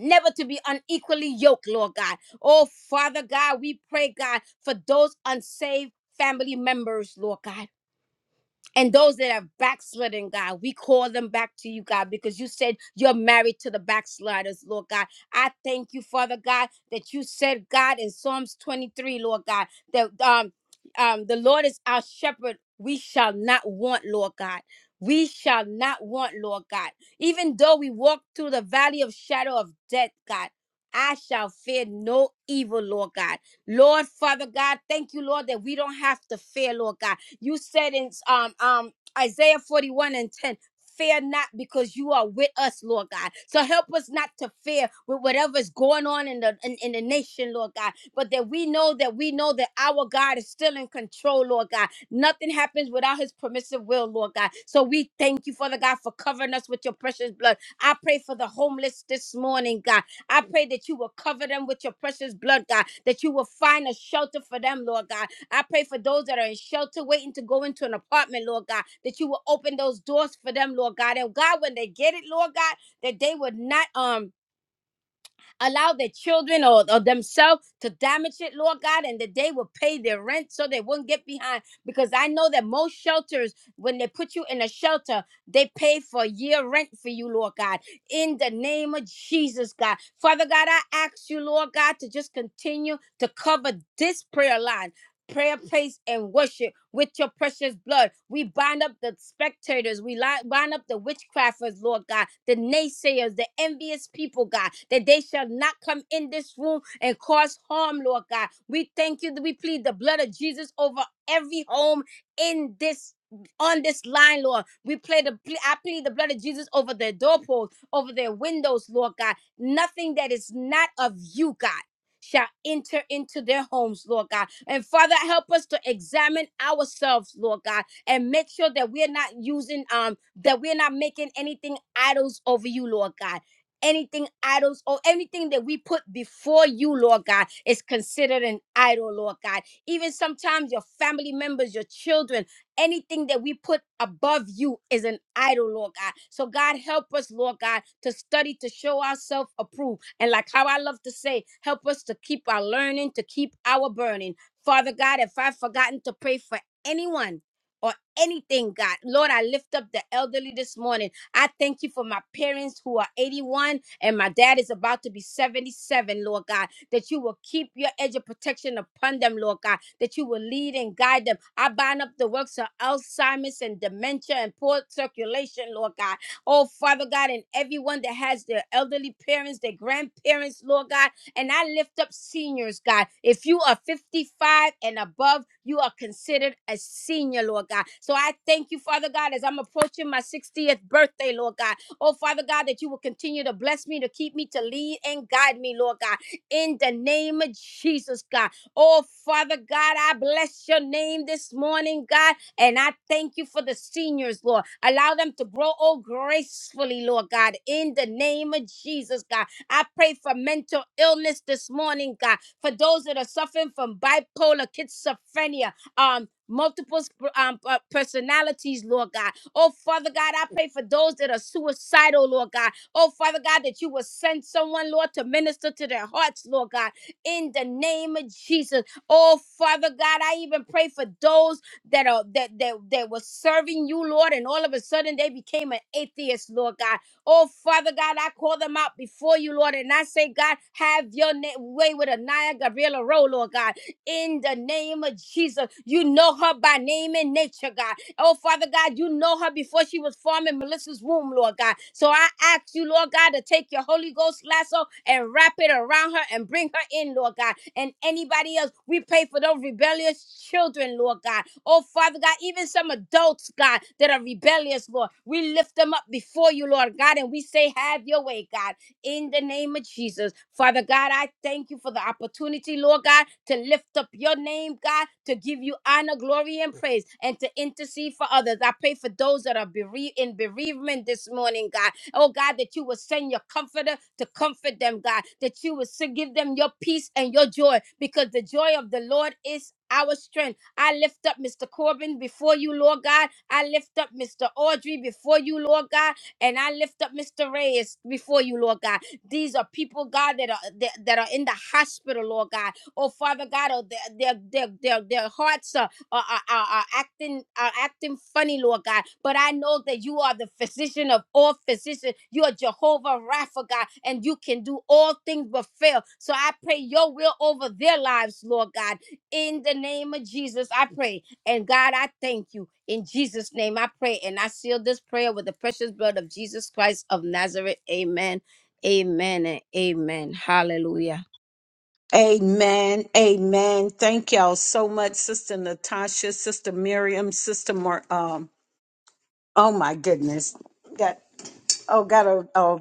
Never to be unequally yoked, Lord God. Oh, Father God, we pray, God, for those unsaved family members, Lord God. And those that have backslidden, God, we call them back to you, God, because you said you're married to the backsliders, Lord God. I thank you, Father God, that you said, God, in Psalms 23, Lord God, that um, um, the Lord is our shepherd. We shall not want, Lord God. We shall not want, Lord God. Even though we walk through the valley of shadow of death, God, I shall fear no evil, Lord God. Lord, Father God, thank you, Lord, that we don't have to fear, Lord God you said in um um Isaiah 41 and 10, fear not because you are with us, Lord God. So help us not to fear with whatever's going on in the in, in the nation, Lord God. But that we know that we know that our God is still in control, Lord God. Nothing happens without his permissive will, Lord God. So we thank you, Father God, for covering us with your precious blood. I pray for the homeless this morning, God. I pray that you will cover them with your precious blood, God, that you will find a shelter for them, Lord God I pray for those that are in shelter waiting to go into an apartment, Lord God, that you will open those doors for them, Lord God. And God, when they get it, Lord God, that they would not um allow their children or, or themselves to damage it, Lord God, and that they would pay their rent so they wouldn't get behind. Because I know that most shelters, when they put you in a shelter, they pay for a year rent for you, Lord God. In the name of Jesus, God. Father God, I ask you, Lord God, to just continue to cover this prayer line prayer place and worship with your precious blood. We bind up the spectators. We li- bind up the witchcrafters, Lord God, the naysayers, the envious people, God, that they shall not come in this room and cause harm, Lord God. We thank you that we plead the blood of Jesus over every home in this on this line, Lord. We play the ple- I plead the blood of Jesus over their doorposts, over their windows, Lord God. Nothing that is not of you, God, shall enter into their homes, Lord God. And Father, help us to examine ourselves, Lord God, and make sure that we're not using, um, that we're not making anything idols over you, Lord God. Anything idols or anything that we put before you, Lord God, is considered an idol, Lord God. Even sometimes your family members, your children, anything that we put above you is an idol, Lord God. So, God, help us, Lord God, to study, to show ourselves approved. And, like how I love to say, help us to keep our learning, to keep our burning. Father God, if I've forgotten to pray for anyone or anything, God, Lord, I lift up the elderly this morning. I thank you for my parents who are 81 and my dad is about to be 77, Lord God, that you will keep your edge of protection upon them, Lord God, that you will lead and guide them. I bind up the works of Alzheimer's and dementia and poor circulation, Lord God. Oh, Father God, and everyone that has their elderly parents, their grandparents, Lord God, and I lift up seniors, God. If you are 55 and above, you are considered a senior, Lord God. So I thank you, Father God, as I'm approaching my 60th birthday, Lord God. Oh, Father God, that you will continue to bless me, to keep me, to lead and guide me, Lord God. In the name of Jesus, God. Oh, Father God, I bless your name this morning, God. And I thank you for the seniors, Lord. Allow them to grow, oh, gracefully, Lord God. In the name of Jesus, God. I pray for mental illness this morning, God, for those that are suffering from bipolar, schizophrenia, um, multiple sp- um, uh, personalities, Lord God. Oh, Father God, I pray for those that are suicidal, Lord God. Oh, Father God, that you will send someone, Lord, to minister to their hearts, Lord God, in the name of Jesus. Oh, Father God, I even pray for those that are that that, that were serving you, Lord, and all of a sudden they became an atheist, Lord God. Oh, Father God, I call them out before you, Lord, and I say, God, have your na- way with Anaya Gabriela Rowe, Lord God. In the name of Jesus, you know her by name and nature, God. Oh, Father God, you know her before she was formed in Melissa's womb, Lord God. So I ask you, Lord God, to take your Holy Ghost lasso and wrap it around her and bring her in, Lord God. And anybody else, we pray for those rebellious children, Lord God. Oh, Father God, even some adults, God, that are rebellious, Lord. We lift them up before you, Lord God, and we say, Have your way, God in the name of Jesus. Father God, I thank you for the opportunity, Lord God, to lift up your name, God, to give you honor, glory, and praise, and to intercede for others. I pray for those that are bereaved in bereavement this morning, God. Oh God, that you will send your comforter to comfort them, God, that you will give them your peace and your joy, because the joy of the Lord is our strength. I lift up Mr. Corbin before you, Lord God. I lift up Mr. Audrey before you, Lord God. And I lift up Mr. Reyes before you, Lord God. These are people, God, that are that, that are in the hospital, Lord God. Oh, Father God, oh, their their their their, their hearts are, are, are, are are acting are acting funny, Lord God. But I know that you are the physician of all physicians. You are Jehovah Rapha, God, and you can do all things but fail. So I pray your will over their lives, Lord God. In the name of Jesus, I pray. And God, I thank you. In Jesus' name, I pray. And I seal this prayer with the precious blood of Jesus Christ of Nazareth. Amen. Amen and amen. Hallelujah.
Amen. Amen. Thank y'all so much, Sister Natasha, Sister Miriam, Sister Mar. Um. Oh my goodness. Got. Oh, got a, a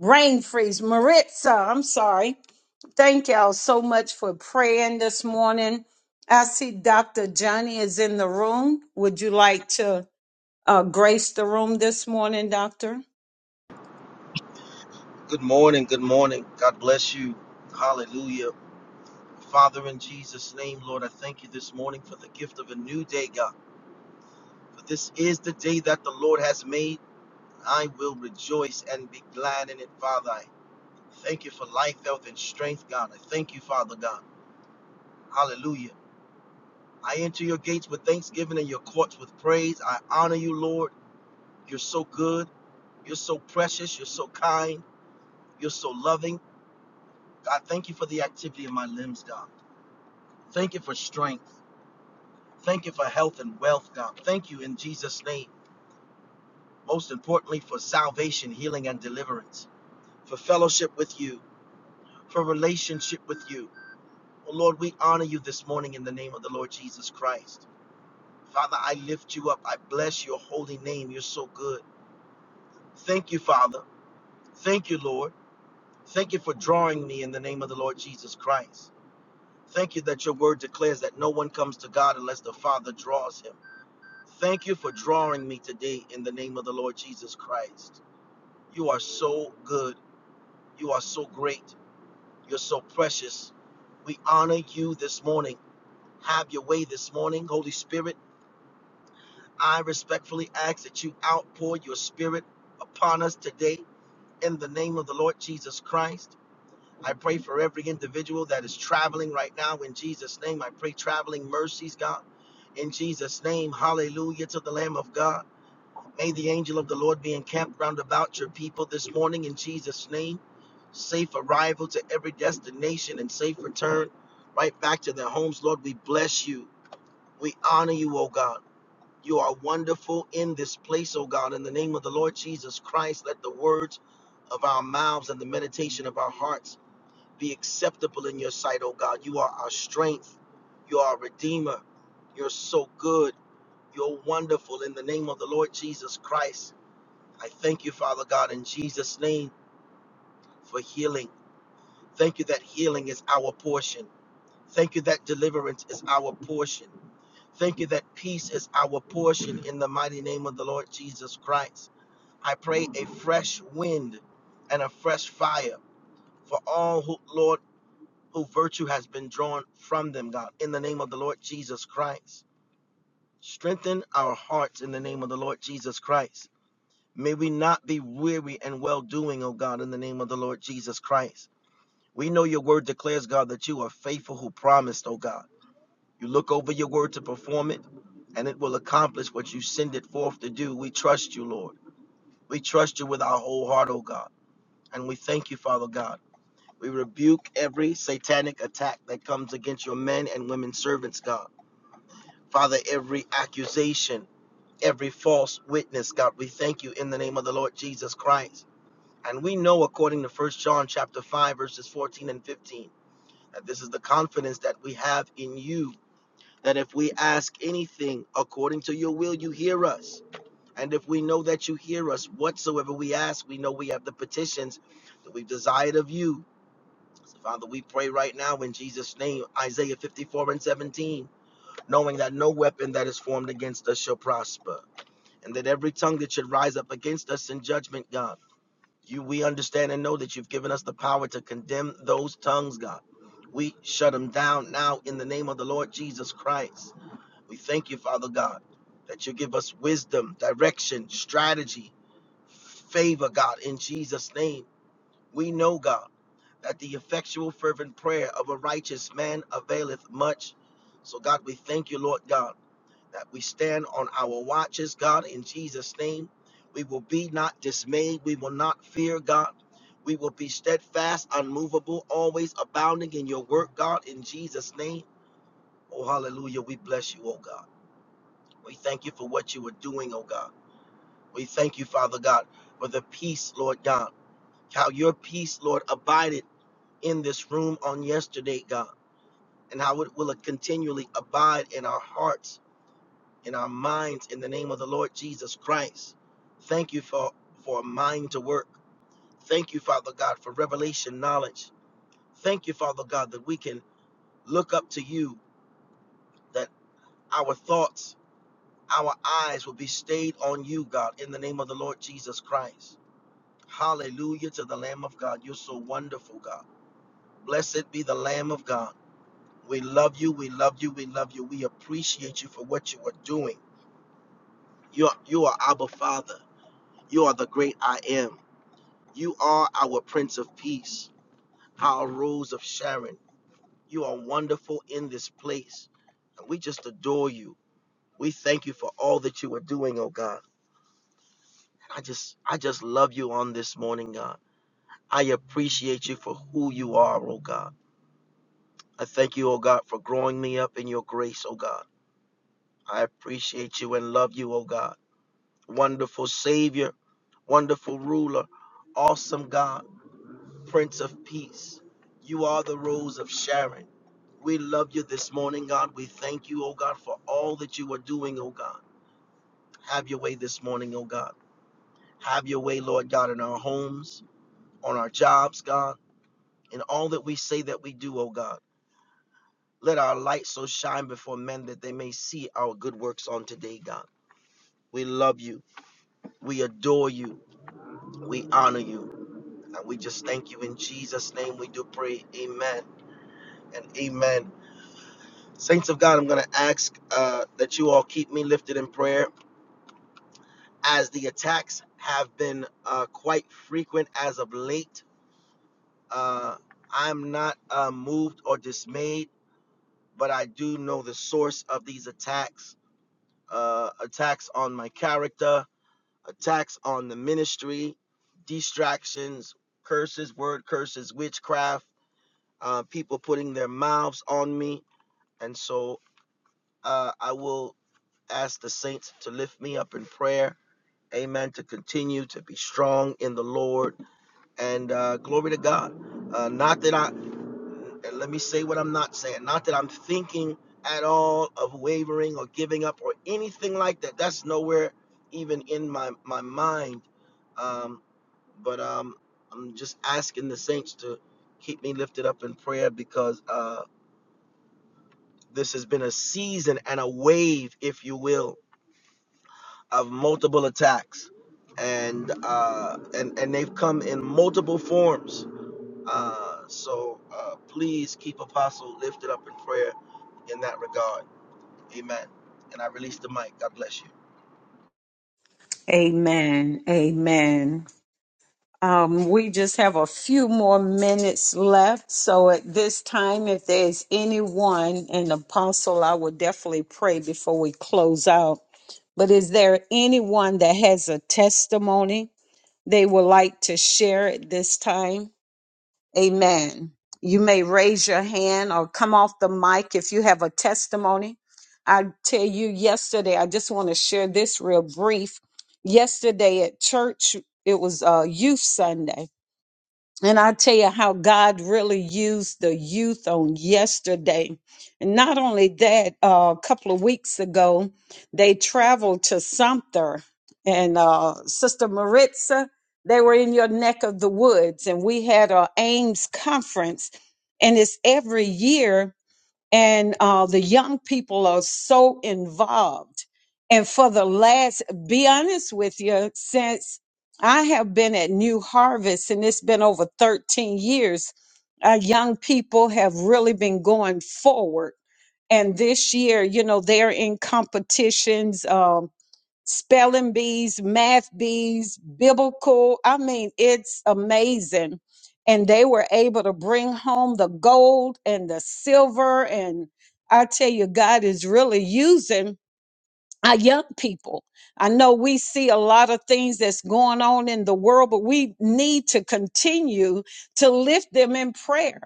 rain freeze. Maritza, I'm sorry. Thank y'all so much for praying this morning. I see Dr. Johnny is in the room. Would you like to uh, grace the room this morning, Doctor?
Good morning. Good morning. God bless you. Hallelujah. Father, in Jesus' name, Lord, I thank you this morning for the gift of a new day, God. For this is the day that the Lord has made. I will rejoice and be glad in it, Father. I thank you for life, health, and strength, God. I thank you, Father God. Hallelujah. I enter your gates with thanksgiving and your courts with praise. I honor you, Lord. You're so good. You're so precious. You're so kind. You're so loving. God, thank you for the activity of my limbs, God. Thank you for strength. Thank you for health and wealth, God. Thank you in Jesus' name. Most importantly, for salvation, healing, and deliverance, for fellowship with you, for relationship with you. Oh, Lord, we honor you this morning in the name of the Lord Jesus Christ. Father, I lift you up. I bless your holy name. You're so good. Thank you, Father. Thank you, Lord. Thank you for drawing me in the name of the Lord Jesus Christ. Thank you that your word declares that no one comes to God unless the Father draws him. Thank you for drawing me today in the name of the Lord Jesus Christ. You are so good. You are so great. You're so precious. We honor you this morning. Have your way this morning, Holy Spirit. I respectfully ask that you outpour your spirit upon us today in the name of the Lord Jesus Christ. I pray for every individual that is traveling right now in Jesus' name. I pray traveling mercies, God. In Jesus' name, hallelujah to the Lamb of God. May the angel of the Lord be encamped round about your people this morning in Jesus' name. Safe arrival to every destination and safe return right back to their homes. Lord, we bless you. We honor you, O God. You are wonderful in this place, O God. In the name of the Lord Jesus Christ, let the words of our mouths and the meditation of our hearts be acceptable in your sight, O God. You are our strength. You are our Redeemer. You're so good. You're wonderful in the name of the Lord Jesus Christ. I thank you, Father God, in Jesus' name for healing. Thank you that healing is our portion. Thank you that deliverance is our portion. Thank you that peace is our portion in the mighty name of the Lord Jesus Christ. I pray a fresh wind and a fresh fire for all who, Lord, who virtue has been drawn from them, God, in the name of the Lord Jesus Christ. Strengthen our hearts in the name of the Lord Jesus Christ. May we not be weary and well doing, O God, in the name of the Lord Jesus Christ. We know your word declares, God, that you are faithful who promised, O God. You look over your word to perform it, and it will accomplish what you send it forth to do. We trust you, Lord. We trust you with our whole heart, O God. And we thank you, Father God. We rebuke every satanic attack that comes against your men and women servants, God. Father, every accusation, every false witness, God, we thank you in the name of the Lord Jesus Christ. And we know according to 1 John chapter 5 verses 14 and 15 that this is the confidence that we have in you that if we ask anything according to your will you hear us. And if we know that you hear us whatsoever we ask, we know we have the petitions that we've desired of you. So Father, we pray right now in Jesus' name, Isaiah 54 and 17, knowing that no weapon that is formed against us shall prosper, and that every tongue that should rise up against us in judgment, God. You, we understand and know that you've given us the power to condemn those tongues, God. We shut them down now in the name of the Lord Jesus Christ. We thank you, Father God, that you give us wisdom, direction, strategy, favor, God, in Jesus' name. We know, God, that the effectual, fervent prayer of a righteous man availeth much. So, God, we thank you, Lord God that we stand on our watches, God, in Jesus' name. We will be not dismayed. We will not fear, God. We will be steadfast, unmovable, always abounding in your work, God, in Jesus' name. Oh, hallelujah. We bless you, oh God. We thank you for what you are doing, oh God. We thank you, Father God, for the peace, Lord God. How your peace, Lord, abided in this room on yesterday, God, and how it will continually abide in our hearts in our minds in the name of the Lord Jesus Christ. Thank you for, for a mind to work. Thank you, Father God, for revelation knowledge. Thank you, Father God, that we can look up to you, that our thoughts, our eyes will be stayed on you, God, in the name of the Lord Jesus Christ. Hallelujah to the Lamb of God. You're so wonderful, God. Blessed be the Lamb of God. We love you, we love you, we love you. We appreciate you for what you are doing. You are, you are Abba Father. You are the great I am. You are our Prince of Peace, our Rose of Sharon. You are wonderful in this place. And we just adore you. We thank you for all that you are doing, oh God. I just I just love you on this morning, God. I appreciate you for who you are, oh God. I thank you, oh God, for growing me up in your grace, oh God. I appreciate you and love you, oh God. Wonderful Savior, wonderful ruler, awesome God. Prince of Peace. You are the Rose of Sharon. We love you this morning, God. We thank you, oh God, for all that you are doing, oh God. Have your way this morning, oh God. Have your way, Lord God, in our homes, on our jobs, God, in all that we say that we do, oh God. Let our light so shine before men that they may see our good works on today, God. We love you. We adore you. We honor you. And we just thank you in Jesus' name. We do pray. Amen and amen. Saints of God, I'm going to ask uh, that you all keep me lifted in prayer as the attacks have been uh, quite frequent as of late. Uh, I'm not uh, moved or dismayed, but I do know the source of these attacks uh, attacks on my character, attacks on the ministry, distractions, curses, word curses, witchcraft, uh, people putting their mouths on me. And so uh, I will. Ask the saints to lift me up in prayer. Amen. To continue to be strong in the Lord and uh, glory to God. Uh, not that I, and let me say what I'm not saying. Not that I'm thinking at all of wavering or giving up or anything like that. That's nowhere even in my, my mind. Um, but um, I'm just asking the saints to keep me lifted up in prayer because uh, this has been a season and a wave, if you will, of multiple attacks, and uh, and and they've come in multiple forms. Uh, so uh, please keep Apostle lifted up in prayer in that regard. Amen. And I release the mic. God bless you.
Amen. Amen. Um, we just have a few more minutes left. So at this time, if there's anyone, an apostle, I would definitely pray before we close out. But is there anyone that has a testimony they would like to share at this time? Amen. You may raise your hand or come off the mic if you have a testimony. I tell you, yesterday, I just want to share this real brief. Yesterday at church, it was uh, Youth Sunday and I tell you how God really used the youth on yesterday. And not only that, uh, a couple of weeks ago, they traveled to Sumter and uh, Sister Maritza, they were in your neck of the woods, and we had our Ames conference. And it's every year and uh, the young people are so involved. And for the last, be honest with you, since I have been at New Harvest and it's been over 13 years, our young people have really been going forward. And this year, you know, they're in competitions. Um, spelling bees, math bees, biblical. I mean, it's amazing. And they were able to bring home the gold and the silver. And I tell you, God is really using our young people. I know we see a lot of things that's going on in the world, but we need to continue to lift them in prayer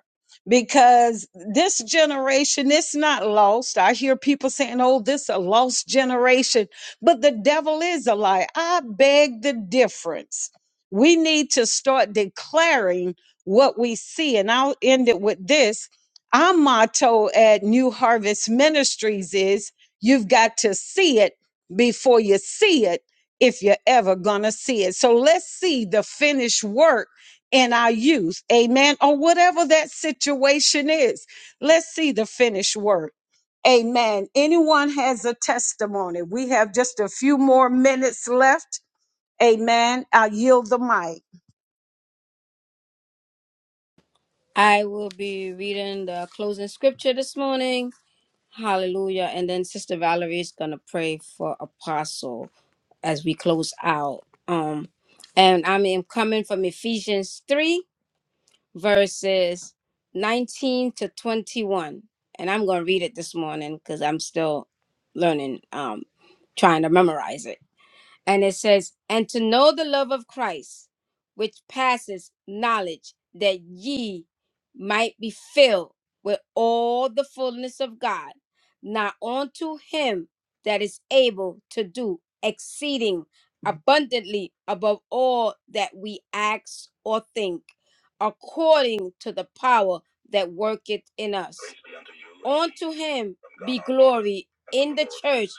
because this generation is not lost. I hear people saying, oh, this a lost generation, but the devil is a lie. I beg the difference. We need to start declaring what we see. And I'll end it with this. Our motto at New Harvest Ministries is You've got to see it before you see it if you're ever going to see it. So let's see the finished work in our youth. Amen. Or whatever that situation is. Let's see the finished work. Amen. Anyone has a testimony? We have just a few more minutes left. Amen. I yield the mic.
I will be reading the closing scripture this morning. Hallelujah. And then Sister Valerie is going to pray for Apostle as we close out. Um, and I am coming from Ephesians 3 verses 19 to 21. And I'm going to read it this morning because I'm still learning, um, trying to memorize it. And it says, And to know the love of Christ, which passes knowledge, that ye might be filled with all the fullness of God, now unto him that is able to do exceeding abundantly above all that we ask or think, according to the power that worketh in us. Unto him be glory in the church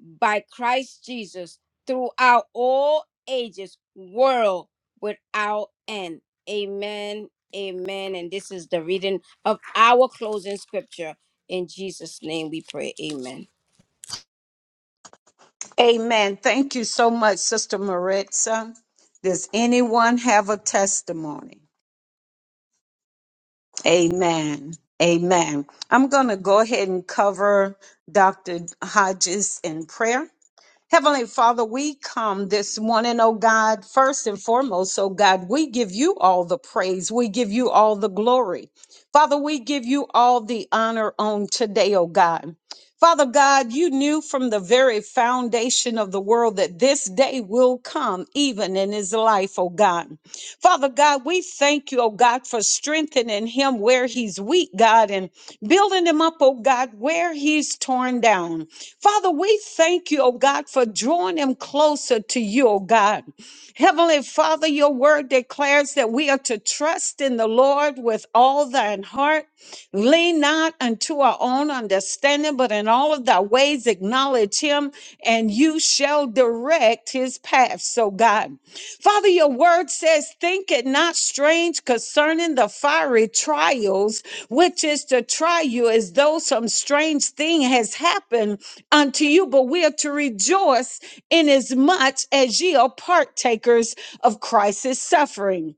by Christ Jesus throughout all ages, world without end. Amen. Amen. And this is the reading of our closing scripture. In Jesus' name we pray. Amen.
Amen. Thank you so much, Sister Maritza. Does anyone have a testimony? Amen. Amen. I'm going to go ahead and cover Dr. Hodges in prayer. Heavenly Father, we come this morning, oh God, first and foremost, oh God, we give you all the praise. We give you all the glory. Father, we give you all the honor on today, oh God. Father God, you knew from the very foundation of the world that this day will come, even in his life, oh God. Father God, we thank you, oh God, for strengthening him where he's weak, God, and building him up, oh God, where he's torn down. Father, we thank you, oh God, for drawing them closer to you, oh God. Heavenly Father, your word declares that we are to trust in the Lord with all thine heart. Lean not unto our own understanding, but in all of thy ways acknowledge him, and you shall direct his path. So, God, Father, your word says, Think it not strange concerning the fiery trials, which is to try you as though some strange thing has happened unto you, but we are to rejoice inasmuch as as ye are partakers of Christ's suffering.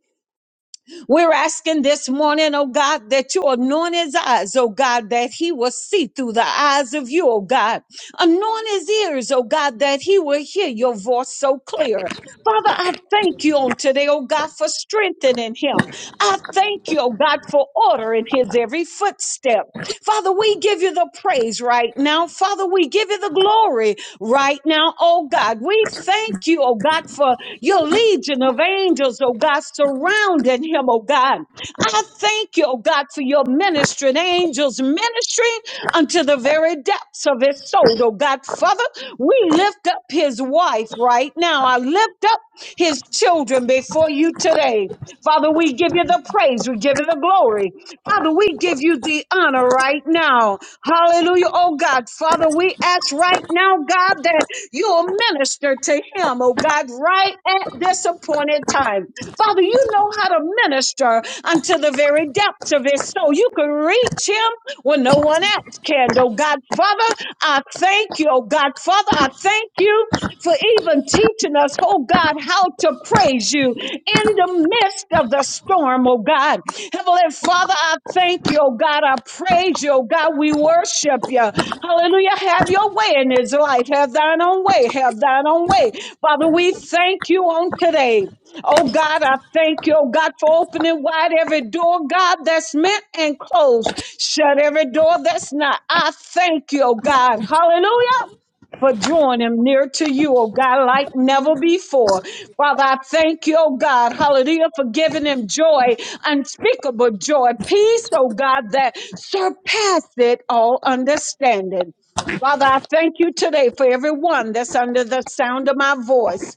We're asking this morning, oh God, that you anoint his eyes, oh God, that he will see through the eyes of you, oh God. Anoint his ears, oh God, that he will hear your voice so clear. Father, I thank you on today, oh God, for strengthening him. I thank you, oh God, for order in his every footstep. Father, we give you the praise right now. Father, we give you the glory right now, oh God. We thank you, oh God, for your legion of angels, oh God, surrounding him, oh God. I thank you, oh God, for your ministering angels ministering unto the very depths of his soul, oh God. Father, we lift up his wife right now. I lift up his children before you today. Father, we give you the praise. We give you the glory. Father, we give you the honor right now. Hallelujah. Oh God, Father, we ask right now, God, that you'll minister to him, oh God, right at this appointed time. Father, you know how to minister unto the very depths of his soul. You can reach him when no one else can, oh God. Father, I thank you, oh God. Father, I thank you for even teaching us, oh God, how to praise you in the midst of the storm, oh God. Heavenly Father, I thank you, oh God. I praise you, oh God. We worship you. Hallelujah. Have your way in his life. Have thine own way. Have thine own way. Father, we thank you on today. Oh God, I thank you, oh God, for opening wide every door, God, that's meant and closed. Shut every door that's not. I thank you, oh God. Hallelujah for drawing him near to you, oh God, like never before. Father, I thank you, oh God, hallelujah, for giving him joy, unspeakable joy, peace, oh God, that surpasseth all understanding. Father, I thank you today for everyone that's under the sound of my voice.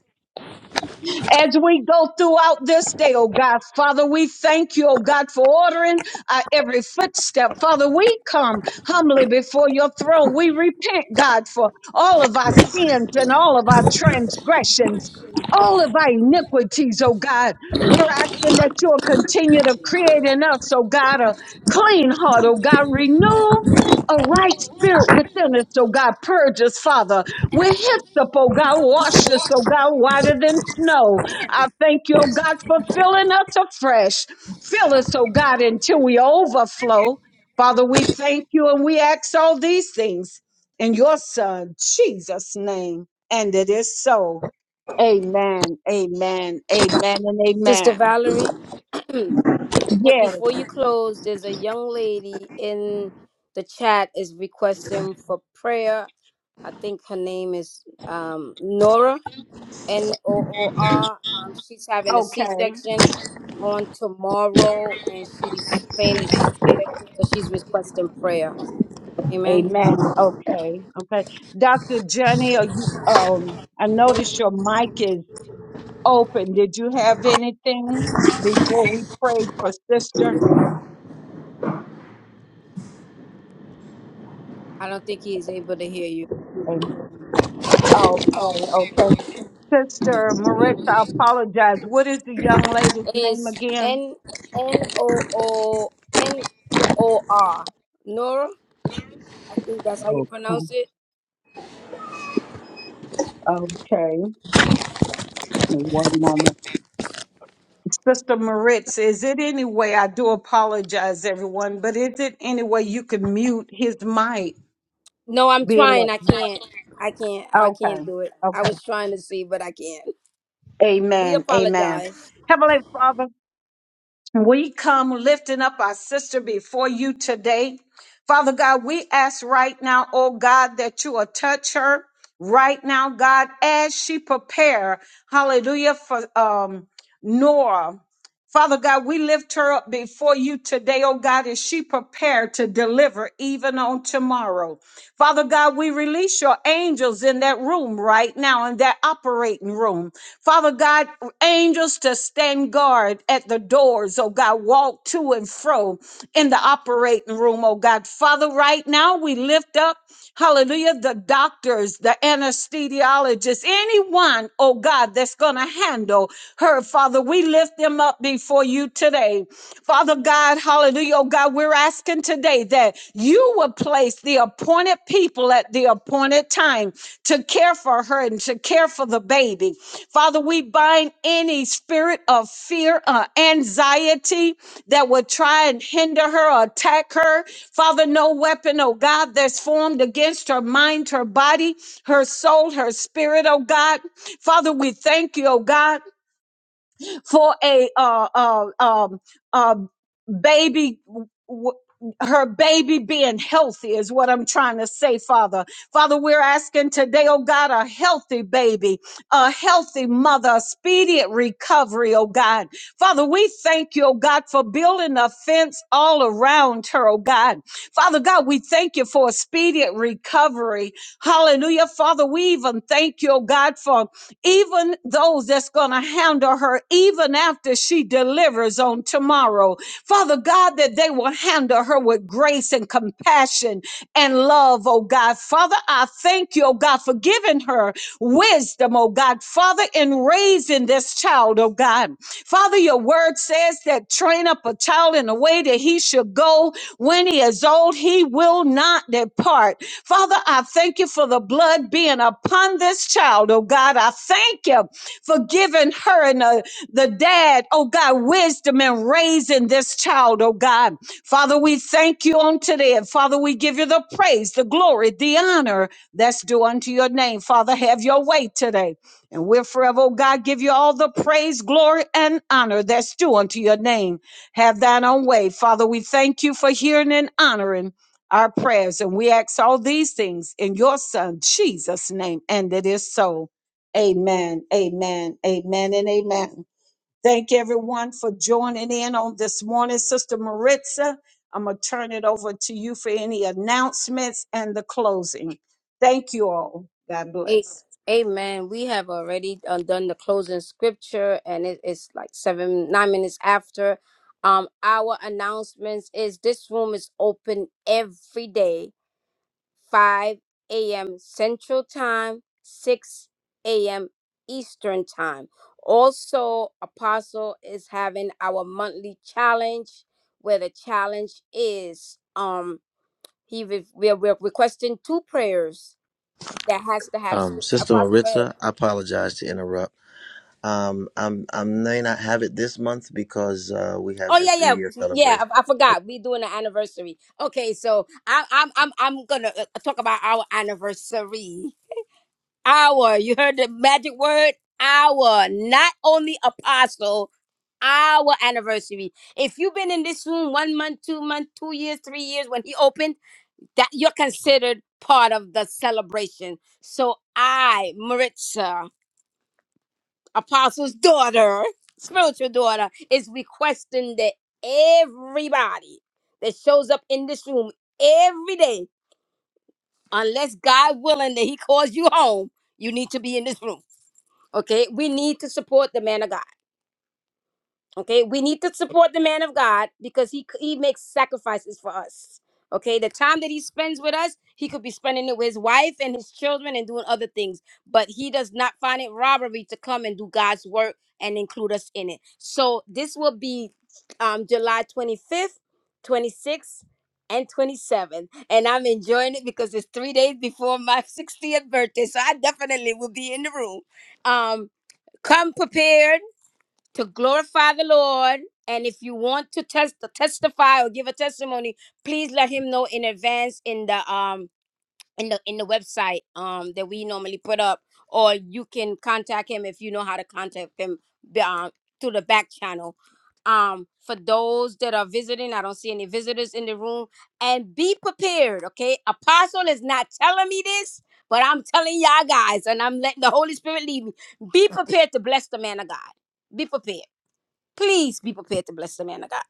As we go throughout this day, oh God, Father, we thank you, oh God, for ordering our every footstep. Father, we come humbly before your throne. We repent, God, for all of our sins and all of our transgressions, all of our iniquities, oh God. We're asking that you'll continue to create in us, oh God, a clean heart, oh God. Renew a right spirit within us, oh God. Purge us, Father. We're hyssop, oh God. Wash us, oh God, whiter than snow. I thank you, oh God, for filling us afresh. Fill us, oh God, until we overflow. Father, we thank you and we ask all these things in your Son, Jesus' name. And it is so. Amen, amen, amen, and
Sister
amen.
Valerie, before,
Yes,
before you close, there's a young lady in the chat is requesting for prayer. I think her name is um, Nora. N O O R. Um, she's having a C
okay.
section on tomorrow, and she's saying that she's scared, so she's requesting prayer. Amen.
Amen. Okay. Okay. Dr. Johnny, are you, um, I noticed your mic is open. Did you have anything before we prayed for sister?
I don't think he is able to hear you.
Amen. Okay. Okay. Sister Maritza, I apologize. What is the young lady's name
It's
again?
N N O O N O O R. Nora, I think that's how you
Okay.
pronounce it.
Okay. One moment. Sister Maritz, is it any way, I do apologize, everyone, but is it any way you can mute his mic?
No, I'm
Being,
trying.
like,
I can't. I can't. I
okay.
can't do it. I
Okay.
was trying to see, but I can't. We
Amen. Amen.
apologize.
Heavenly Father, we come lifting up our sister before you today. Father God, we ask right now, oh God, that you will touch her right now, God, as she prepare, hallelujah, for um Nora. Father God, we lift her up before you today, oh God, as she prepared to deliver even on tomorrow. Father God, we release your angels in that room right now, in that operating room. Father God, angels to stand guard at the doors, oh God, walk to and fro in the operating room, oh God. Father, right now we lift up, hallelujah, the doctor doctors, the anesthesiologists, anyone, oh God, that's going to handle her, Father. We lift them up before you today. Father God, hallelujah, oh God, we're asking today that you will place the appointed people at the appointed time to care for her and to care for the baby. Father, we bind any spirit of fear, uh, anxiety that would try and hinder her or attack her. Father, no weapon, oh God, that's formed against her mind, her body, her soul, her spirit, oh God. Father, we thank you, oh God for a uh, uh, um, uh, baby. W- her baby being healthy is what I'm trying to say, Father. Father, we're asking today, oh God, a healthy baby, a healthy mother, a speedient recovery, oh God. Father, we thank you, oh God, for building a fence all around her, oh God. Father God, we thank you for a speedient recovery. Hallelujah. Father, we even thank you, oh God, for even those that's going to handle her, even after she delivers on tomorrow. Father God, that they will handle her with grace and compassion and love, oh God. Father, I thank you, oh God, for giving her wisdom, oh God. Father, in raising this child, oh God, Father, your word says that train up a child in the way that he should go. When he is old, he will not depart. Father, I thank you for the blood being upon this child, oh God. I thank you for giving her and the, the dad, oh God, wisdom and raising this child, oh God. Father, we thank you on today. And Father, we give you the praise, the glory, the honor that's due unto your name. Father, have your way today. And we'll forever, oh God, give you all the praise, glory, and honor that's due unto your name. Have thine own way. Father, we thank you for hearing and honoring our prayers. And we ask all these things in your son, Jesus' name. And it is so. Amen, amen, amen, and amen. Thank everyone for joining in on this morning. Sister Maritza, I'm going to turn it over to you for any announcements and the closing. Thank you all. God
A-
bless.
Amen. We have already uh, done the closing scripture, and it is like seven, nine minutes after. Um, our announcements is this room is open every day, five a.m. Central Time, six a.m. Eastern Time. Also, Apostle is having our monthly challenge, where the challenge is um he re- we're, we're requesting two prayers that has to have
Um,
scripture.
Sister
Apostle, go ahead.
Maritza, I apologize to interrupt. Um, I'm I may not have it this month because uh, we have
Oh
the
yeah,
three year
yeah, yeah.
celebration.
I, I forgot we doing an anniversary. Okay, so I, I'm I'm I'm gonna uh, talk about our anniversary. Our, you heard the magic word, our. Not only apostle, our anniversary. If you've been in this room one month, two month, two years, three years when he opened, that you're considered part of the celebration. So I, Maritza apostle's daughter, spiritual daughter, is requesting that everybody that shows up in this room every day, unless God willing that He calls you home, you need to be in this room. Okay, we need to support the man of God. Okay, we need to support the man of God because he he makes sacrifices for us. Okay, the time that he spends with us, he could be spending it with his wife and his children and doing other things, but he does not find it robbery to come and do God's work and include us in it. So this will be um, July 25th, 26th, and 27th, and I'm enjoying it because it's three days before my 60th birthday, so I definitely will be in the room. Um, come prepared to glorify the Lord. And if you want to test testify or give a testimony, please let him know in advance in the um in the in the website um that we normally put up, or you can contact him if you know how to contact him um, through the back channel. Um, for those that are visiting, I don't see any visitors in the room, and be prepared. Okay, Apostle is not telling me this, but I'm telling y'all guys, and I'm letting the Holy Spirit lead me. Be prepared to bless the man of God. Be prepared please be prepared to bless the man of God.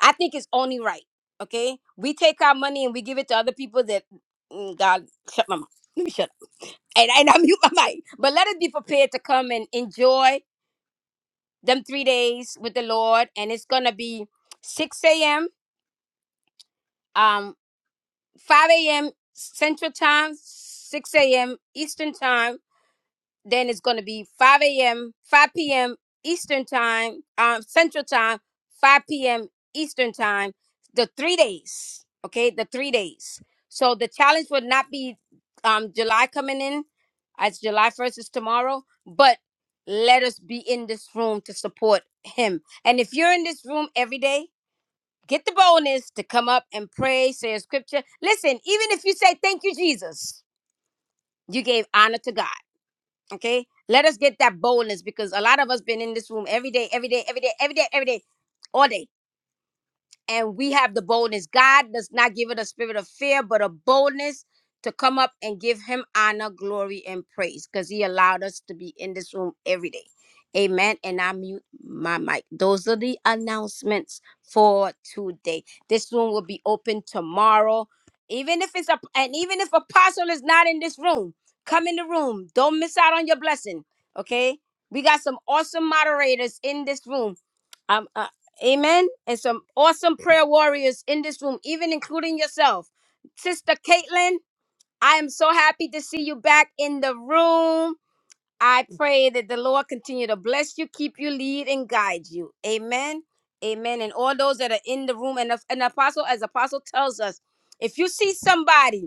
I think it's only right. Okay, we take our money and we give it to other people that mm, God shut my mouth. Let me shut up and, and I mute my mic. But let us be prepared to come and enjoy them three days with the Lord, and it's gonna be six a.m. um five a.m. Central Time, six a.m. Eastern Time Then it's going to be 5 a.m., 5 p.m. Eastern time, um, Central time, 5 p.m. Eastern time, the three days. Okay, the three days. So the challenge would not be um, July coming in, as July 1st is tomorrow, but let us be in this room to support him. And if you're in this room every day, get the bonus to come up and pray, say a scripture. Listen, even if you say, Thank you, Jesus, you gave honor to God. Okay? Let us get that boldness because a lot of us been in this room every day, every day, every day, every day, every day, all day and we have the boldness. God does not give it a spirit of fear, but a boldness to come up and give him honor, glory, and praise because he allowed us to be in this room every day. Amen. And I mute my mic. Those are the announcements for today. This room will be open tomorrow. Even if it's a and even if apostle is not in this room, come in the room. Don't miss out on your blessing. Okay? We got some awesome moderators in this room. Um. uh, Amen. And some awesome prayer warriors in this room, even including yourself. Sister Caitlin, I am so happy to see you back in the room. I pray that the Lord continue to bless you, keep you, lead, and guide you. Amen. Amen. And all those that are in the room, and an apostle, as apostle tells us, if you see somebody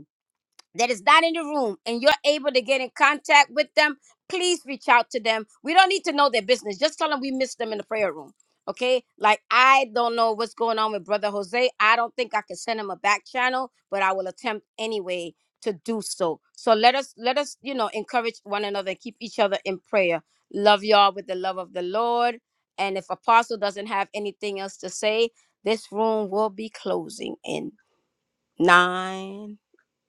that is not in the room and you're able to get in contact with them, please reach out to them. We don't need to know their business. Just tell them we miss them in the prayer room. Okay? Like I don't know what's going on with Brother Jose. I don't think I can send him a back channel, but I will attempt anyway to do so. So let us let us, you know, encourage one another, keep each other in prayer. Love y'all with the love of the Lord. And if Apostle doesn't have anything else to say, this room will be closing in nine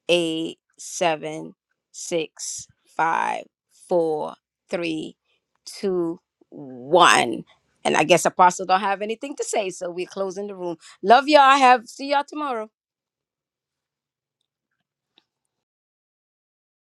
eight, seven, six, five, four, three, two, one. And I guess Apostle don't have anything to say, so we're closing the room. Love y'all. Have see y'all tomorrow.